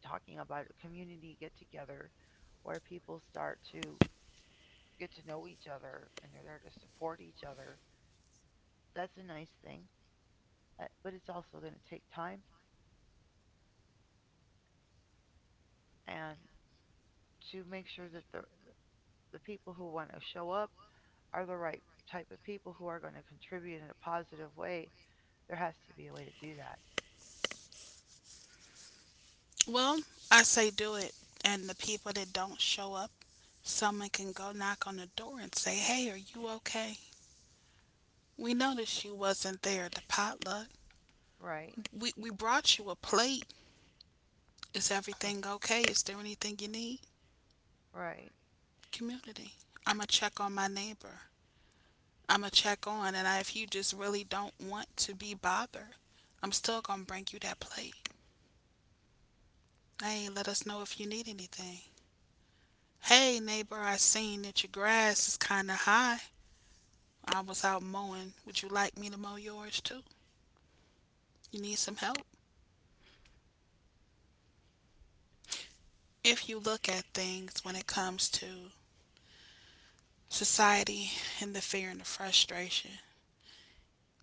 Speaker 2: talking about a community get together where people start to get to know each other and they're there to support each other. That's a nice thing, uh, but it's also going to take time and to make sure that the the people who want to show up are the right type of people who are going to contribute in a positive way. There has to be a way to do that,
Speaker 1: Well, I say do it. And the people that don't show up, someone can go knock on the door and say, hey, are you okay? We noticed you wasn't there at the potluck.
Speaker 2: right?
Speaker 1: We, we brought you a plate. Is everything okay? Is there anything you need?
Speaker 2: Right.
Speaker 1: Community. I'm going to check on my neighbor. I'm gonna check on, and I, if you just really don't want to be bothered, I'm still gonna bring you that plate. Hey, let us know if you need anything. Hey, neighbor, I seen that your grass is kind of high. I was out mowing. Would you like me to mow yours too? You need some help? If you look at things when it comes to society and the fear and the frustration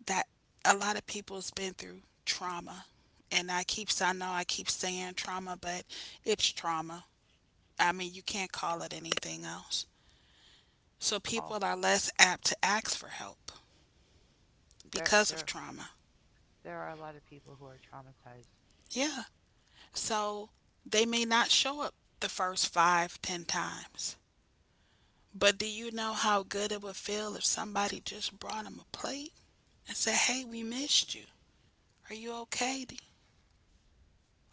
Speaker 1: that a lot of people's been through trauma. And I keep, I know I keep saying trauma, but it's trauma. I mean, you can't call it anything else. So
Speaker 2: Oh,
Speaker 1: people are less apt to ask for help
Speaker 2: there
Speaker 1: because of
Speaker 2: there
Speaker 1: trauma.
Speaker 2: there are a lot of people who are traumatized.
Speaker 1: Yeah. So they may not show up the first five, ten times. But do you know how good it would feel if somebody just brought them a plate and said, hey, we missed you. Are you okay?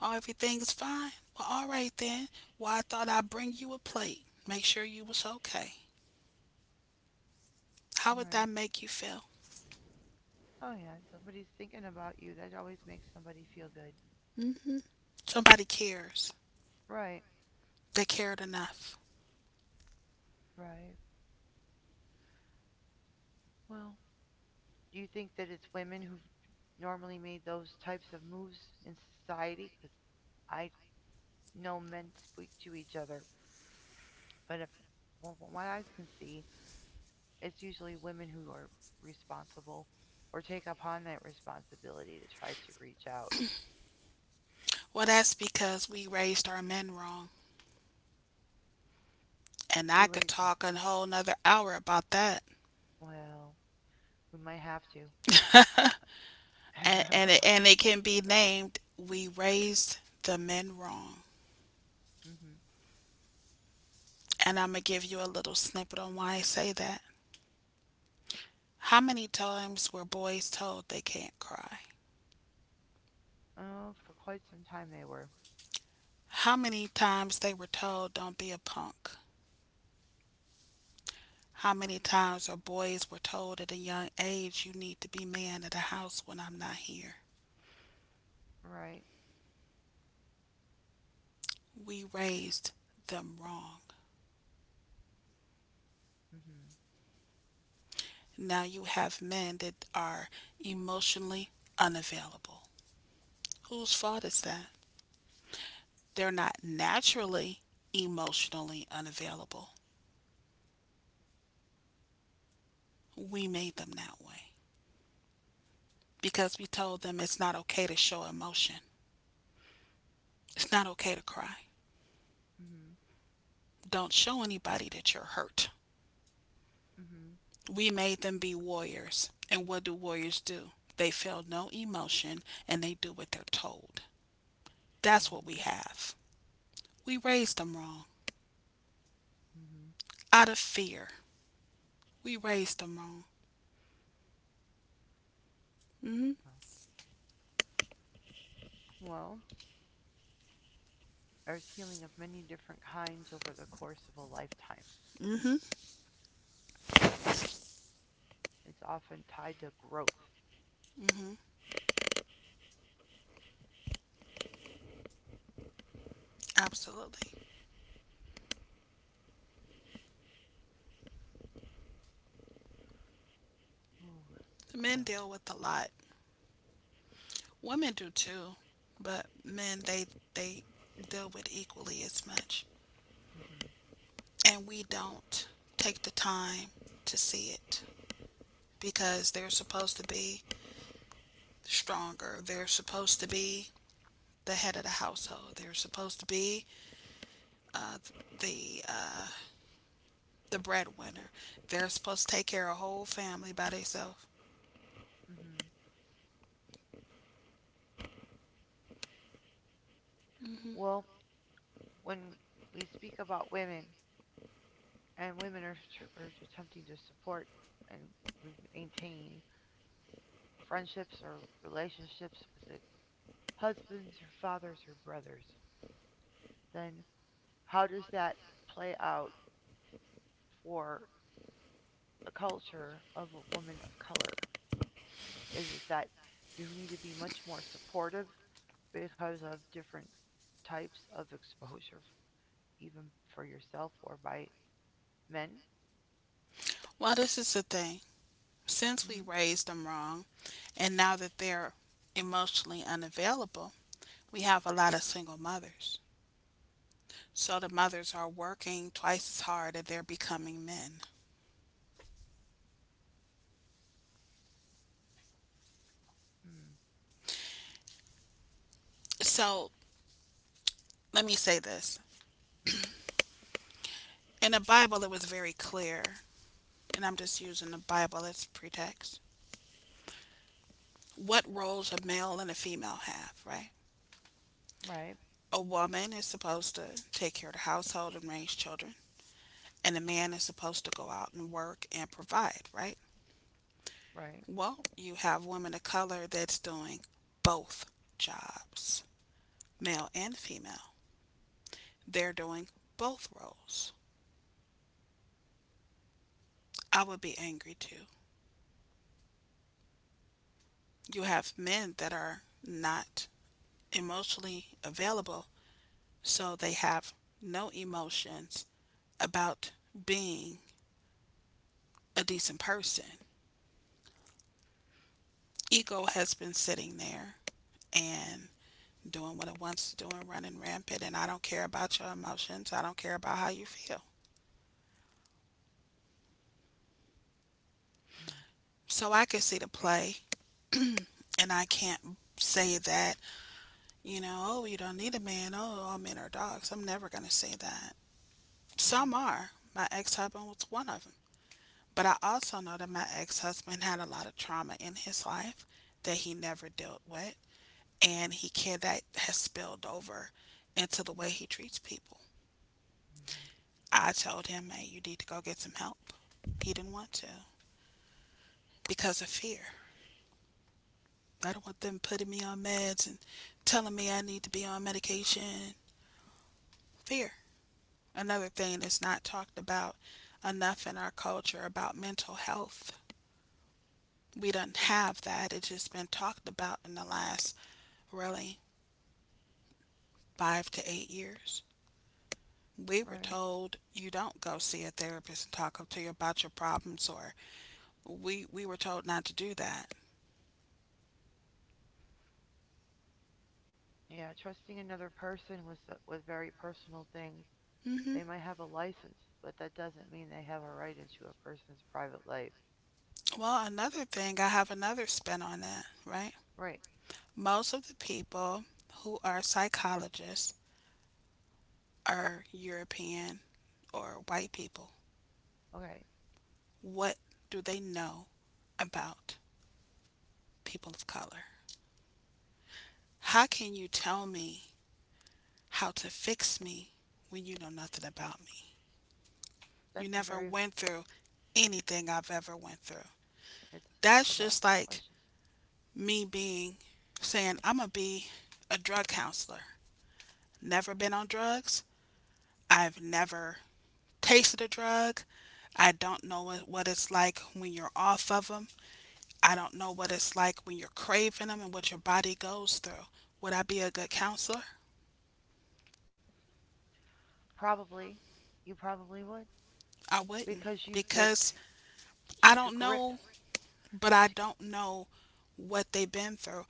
Speaker 1: Oh, everything's fine. Well, all right then. Well, I thought I'd bring you a plate. Make sure you was okay. How would
Speaker 2: Right.
Speaker 1: that make you feel?
Speaker 2: Oh yeah, somebody's thinking about you. That always makes somebody feel good.
Speaker 1: Hmm. Somebody cares.
Speaker 2: Right,
Speaker 1: They cared enough.
Speaker 2: right. Well, do you think that it's women who've normally made those types of moves in society? Because I know men speak to each other, but if well, from what I can see, it's usually women who are responsible or take upon that responsibility to try to reach out.
Speaker 1: Well, that's because we raised our men wrong. And
Speaker 2: We
Speaker 1: I could
Speaker 2: raise them.
Speaker 1: talk a whole nother hour about that.
Speaker 2: Well, we might have to.
Speaker 1: And, and, it,
Speaker 2: [LAUGHS]
Speaker 1: and it can be named We Raised the Men Wrong.
Speaker 2: Hmm.
Speaker 1: And I'm going to give you a little snippet on why I say that. How many times were boys told they can't cry?
Speaker 2: Oh, for quite some time they were.
Speaker 1: How many times they were told don't be a punk? How many times are boys were told at a young age you need to be man at a house when I'm not here?
Speaker 2: Right.
Speaker 1: We raised them wrong.
Speaker 2: Mm hmm.
Speaker 1: Now you have men that are emotionally unavailable. Whose fault is that? They're not naturally emotionally unavailable. We made them that way because we told them it's not okay to show emotion. It's not okay to cry.
Speaker 2: Mm
Speaker 1: Don't show anybody that you're hurt.
Speaker 2: hmm.
Speaker 1: We made them be warriors. And what do warriors do? They feel no emotion and they do what they're told.
Speaker 2: Mm
Speaker 1: That's
Speaker 2: hmm.
Speaker 1: what we have. We raised them wrong
Speaker 2: Hmm. Hmm.
Speaker 1: out of fear. We raised them wrong. Hmm.
Speaker 2: Well, well, there's healing of many different kinds over the course of a lifetime.
Speaker 1: Mm-hmm.
Speaker 2: It's often tied to growth.
Speaker 1: Hmm. Absolutely.
Speaker 2: Ooh,
Speaker 1: Men
Speaker 2: well,
Speaker 1: deal with a lot. Women do too, but men they they deal with equally as much,
Speaker 2: mm-hmm,
Speaker 1: and we don't take the time to see it because they're supposed to be stronger. They're supposed to be the head of the household. They're supposed to be uh, the uh, the breadwinner. They're supposed to take care of a whole family by themselves.
Speaker 2: mm-hmm.
Speaker 1: Mm-hmm.
Speaker 2: Well, when we speak about women, and women are, are attempting to support and maintain friendships or relationships with the husbands or fathers or brothers, then how does that play out for the culture of a woman of color? Is it that you need to be much more supportive because of different types of exposure, even for yourself or by men?
Speaker 1: Well, this is the thing. Since
Speaker 2: Mm-hmm,
Speaker 1: we raised them wrong, and now that they're emotionally unavailable, we have a lot of single mothers. So the mothers are working twice as hard and they're becoming men.
Speaker 2: mm-hmm,
Speaker 1: So let me say this,
Speaker 2: mm-hmm,
Speaker 1: in the Bible, it was very clear, and I'm just using the Bible as pretext. What roles a male and a female have, right?
Speaker 2: right,
Speaker 1: A woman is supposed to take care of the household and raise children, and a man is supposed to go out and work and provide, right?
Speaker 2: right,
Speaker 1: Well, you have women of color that's doing both jobs, male and female? They're doing both roles. I would be angry too. You have men that are not emotionally available, so they have no emotions about being a decent person. Ego has been sitting there and doing what it wants to do and running rampant, and I don't care about your emotions. I don't care about how you feel.
Speaker 2: mm-hmm,
Speaker 1: So I can see the play [CLEARS THROAT] and I can't say that, you know, oh, you don't need a man. Oh, all men are dogs. I'm never going to say that. Some are. My ex husband was one of them. But I also know that my ex husband had a lot of trauma in his life that he never dealt with. And he can that has spilled over into the way he treats people.
Speaker 2: mm-hmm,
Speaker 1: I told him, hey, you need to go get some help. He didn't want to because of fear. I don't want them putting me on meds and telling me I need to be on medication. Fear. Another thing that's not talked about enough in our culture about mental health. We don't have that. It's just been talked about in the last really five to eight years. We
Speaker 2: mm-hmm.
Speaker 1: were
Speaker 2: Right.
Speaker 1: told you don't go see a therapist and talk to you about your problems, or we we were told not to do that.
Speaker 2: Yeah, trusting another person with with very personal things.
Speaker 1: Hmm.
Speaker 2: They might have a license, but that doesn't mean they have a right into a person's private life.
Speaker 1: Well, another thing, I have another spin on that, right?
Speaker 2: Right.
Speaker 1: Most of the people who are psychologists are European or white people.
Speaker 2: Okay.
Speaker 1: What do they know about people of color? How can you tell me how to fix me when you know nothing about me? You
Speaker 2: That's a
Speaker 1: never
Speaker 2: very
Speaker 1: went through anything I've ever went through.
Speaker 2: It's a
Speaker 1: That's
Speaker 2: valid
Speaker 1: just like
Speaker 2: question.
Speaker 1: me being saying I'm gonna be a drug counselor. Never been on drugs. I've never tasted a drug. I don't know what it's like when you're off of them. I don't know what it's like when you're craving them and what your body goes through. Would I be a good counselor?
Speaker 2: Probably, you probably would
Speaker 1: I wouldn't,
Speaker 2: because you there
Speaker 1: because
Speaker 2: to
Speaker 1: I
Speaker 2: keep your
Speaker 1: don't
Speaker 2: grip.
Speaker 1: know, but I don't know what they've been through.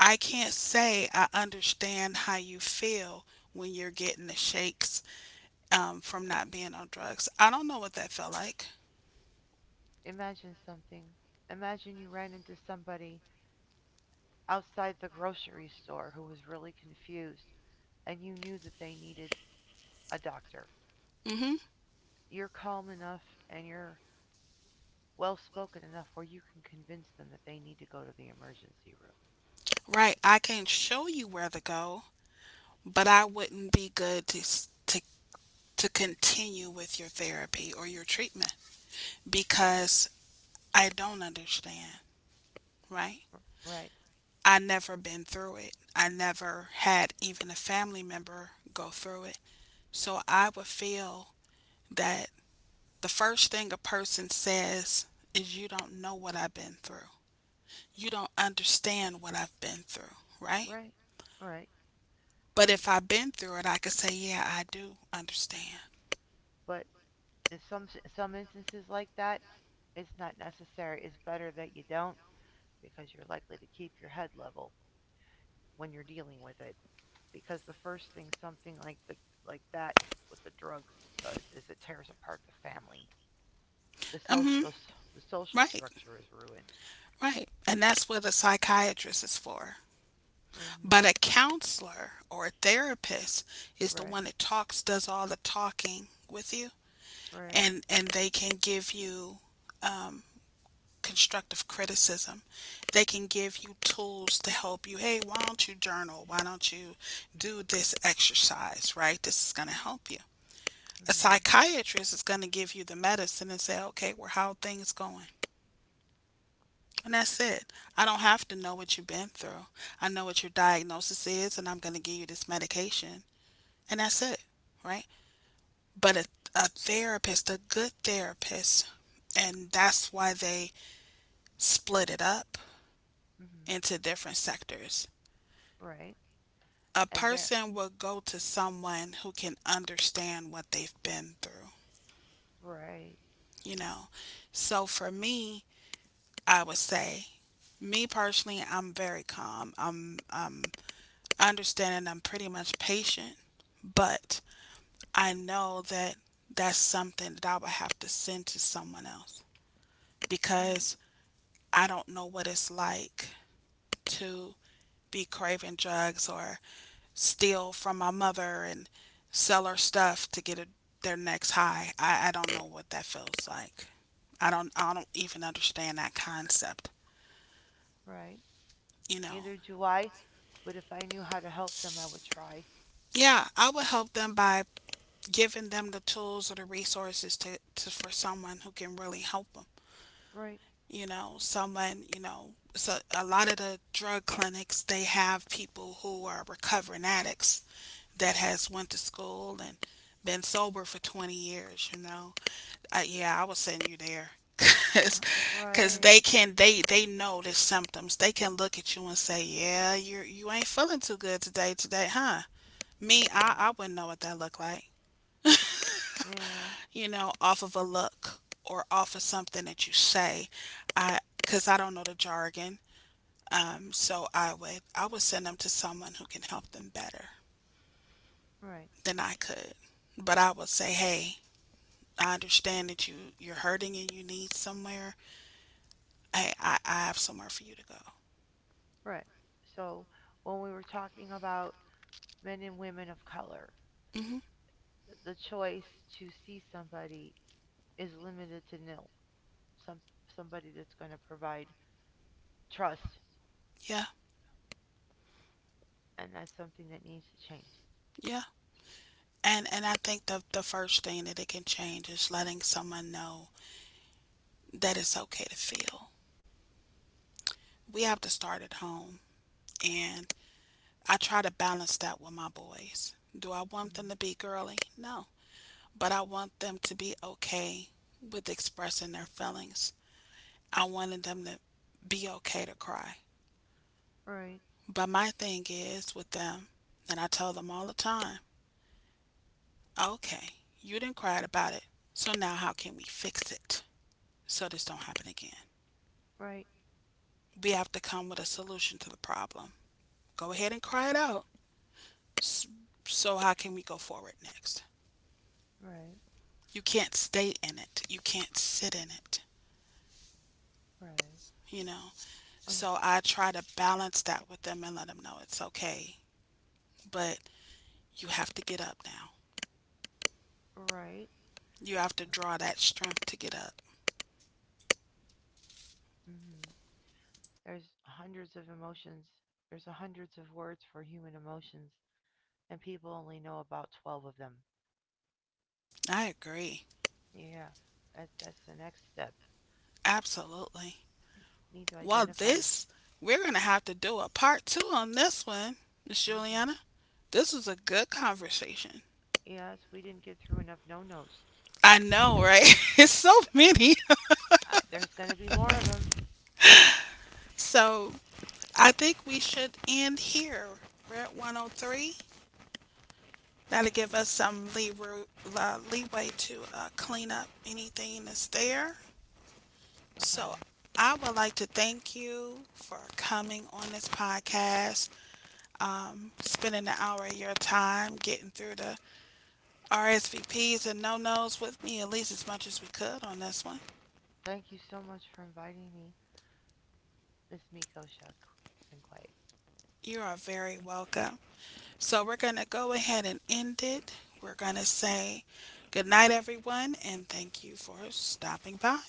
Speaker 1: I can't say I understand how you feel when you're getting the shakes um, from not being on drugs. I don't know what that felt like.
Speaker 2: Imagine something. Imagine you ran into somebody outside the grocery store who was really confused and you knew that they needed a doctor.
Speaker 1: Hmm.
Speaker 2: You're calm enough and you're well spoken enough where you can convince them that they need to go to the emergency room.
Speaker 1: Right. I can show you where to go, but I wouldn't be good to s- to to continue with your therapy or your treatment because I don't understand. Right.
Speaker 2: Right,
Speaker 1: I never been through it. I never had even a family member go through it. So I would feel that the first thing a person says is, "You don't know what I've been through. You don't understand what I've been through," right?
Speaker 2: right, right.
Speaker 1: But
Speaker 2: And
Speaker 1: if I've been through it, I could say, "Yeah, I do understand."
Speaker 2: But in some some instances like that, it's not necessary. It's better that you don't, because you're likely to keep your head level when you're dealing with it, because the first thing something like the like that with the drugs does is it tears apart the family. The
Speaker 1: Hmm.
Speaker 2: social the social
Speaker 1: Right,
Speaker 2: structure is ruined.
Speaker 1: right. And that's what a psychiatrist is for.
Speaker 2: Mhm.
Speaker 1: But a counselor or a therapist is the
Speaker 2: Right.
Speaker 1: one that talks, does all the talking with you,
Speaker 2: Right.
Speaker 1: and, and they can give you um, constructive criticism. They can give you tools to help you. Hey, why don't you journal? Why don't you do this exercise, right? This is going to help you. A
Speaker 2: Mhm.
Speaker 1: psychiatrist is going to give you the medicine and say, okay, well, how are things going? And that's it. I don't have to know what you've been through. I know what your diagnosis is, and I'm going to give you this medication. And that's it, right? But a, a therapist, a good therapist, and that's why they split it up
Speaker 2: Mhm.
Speaker 1: into different sectors,
Speaker 2: Right.
Speaker 1: a
Speaker 2: And there.
Speaker 1: person would go to someone who can understand what they've been through,
Speaker 2: Right.
Speaker 1: you know. So for me, I would say, me personally, I'm very calm. I'm, I'm understanding, I'm pretty much patient, but I know that that's something that I would have to send to someone else
Speaker 2: Mhm.
Speaker 1: because I don't know what it's like to be craving drugs or steal from my mother and sell her stuff to get a, their next high. I, I don't know what that feels like. I don't I don't even understand that concept.
Speaker 2: Right.
Speaker 1: You know.
Speaker 2: Neither do I, but if I knew how to help them, I would try.
Speaker 1: Yeah, I would help them by giving them the tools or the resources to, to for someone who can really help them.
Speaker 2: Right.
Speaker 1: You know someone, you know, so a lot of the drug clinics, they have people who are recovering addicts that has went to school and been sober for twenty years, you know. Uh, yeah, I would send you there. [LAUGHS]
Speaker 2: [LAUGHS]
Speaker 1: Because
Speaker 2: Right.
Speaker 1: they can, they they know the symptoms. They can look at you and say, yeah, you you ain't feeling too good today today, huh? Me, i
Speaker 2: Mhm.
Speaker 1: i wouldn't know what that look like,
Speaker 2: Yeah.
Speaker 1: you know, off of a look or off of something that you say. I, because I don't know the jargon, um, so I would, I would send them to someone who can help them better
Speaker 2: Right.
Speaker 1: than I could. But I would say, hey, I understand that you you're hurting and you need somewhere. Hey, I, I have somewhere for you to go.
Speaker 2: Right. So when we were talking about men and women of color,
Speaker 1: Hmm.
Speaker 2: the choice to see somebody is limited to nil. Some somebody that's going to provide trust,
Speaker 1: Yeah,
Speaker 2: and that's something that needs to change.
Speaker 1: yeah. And and I think the the first thing that it can change is letting someone know that it's okay to feel. We have to start at home, and I try to balance that with my boys. Do I want
Speaker 2: Hmm.
Speaker 1: them to be girly? No, but I want them to be okay with expressing their feelings. I wanted them to be okay to cry.
Speaker 2: Right,
Speaker 1: But my thing is with them, and I tell them all the time, okay, you didn't cry about it, so now how can we fix it so this don't happen again?
Speaker 2: right,
Speaker 1: We have to come with a solution to the problem. Go ahead and cry it out. So how can we go forward next?
Speaker 2: right,
Speaker 1: You can't stay in it. You can't sit in it.
Speaker 2: right,
Speaker 1: You know.
Speaker 2: Oy,
Speaker 1: So I try to balance that with them and let them know it's okay, but you have to get up now.
Speaker 2: right.
Speaker 1: You have to draw that strength to get up.
Speaker 2: Hmm. There's hundreds of emotions. There's hundreds of words for human emotions, and people only know about twelve of them.
Speaker 1: I agree.
Speaker 2: Yeah, that's that's the next step.
Speaker 1: Absolutely.
Speaker 2: Need to
Speaker 1: Well,
Speaker 2: identify them.
Speaker 1: this, we're going to have to do a part two on this one, Miss
Speaker 2: Hmm.
Speaker 1: Juliana. This was a good conversation.
Speaker 2: Yes, we didn't get through enough no-nos.
Speaker 1: I know, right? [LAUGHS] It's so many.
Speaker 2: I, there's going to be more of them.
Speaker 1: So I think we should end here. We're at one oh three. That'll give
Speaker 2: Yeah,
Speaker 1: us some leeway, uh, leeway to uh, clean up anything that's there. So,
Speaker 2: okay.
Speaker 1: I would like to thank you for coming on this podcast, um, spending an hour of your time getting through the R S V Ps and no nos with me, at least as much as we could on this one.
Speaker 2: Thank you so much for inviting me, Miss Miko Shug Senquay.
Speaker 1: You are very welcome. So, we're going to go ahead and end it. We're going to say good night, everyone, and thank you for stopping by.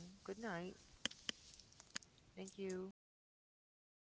Speaker 2: Mm, good night. Thank you.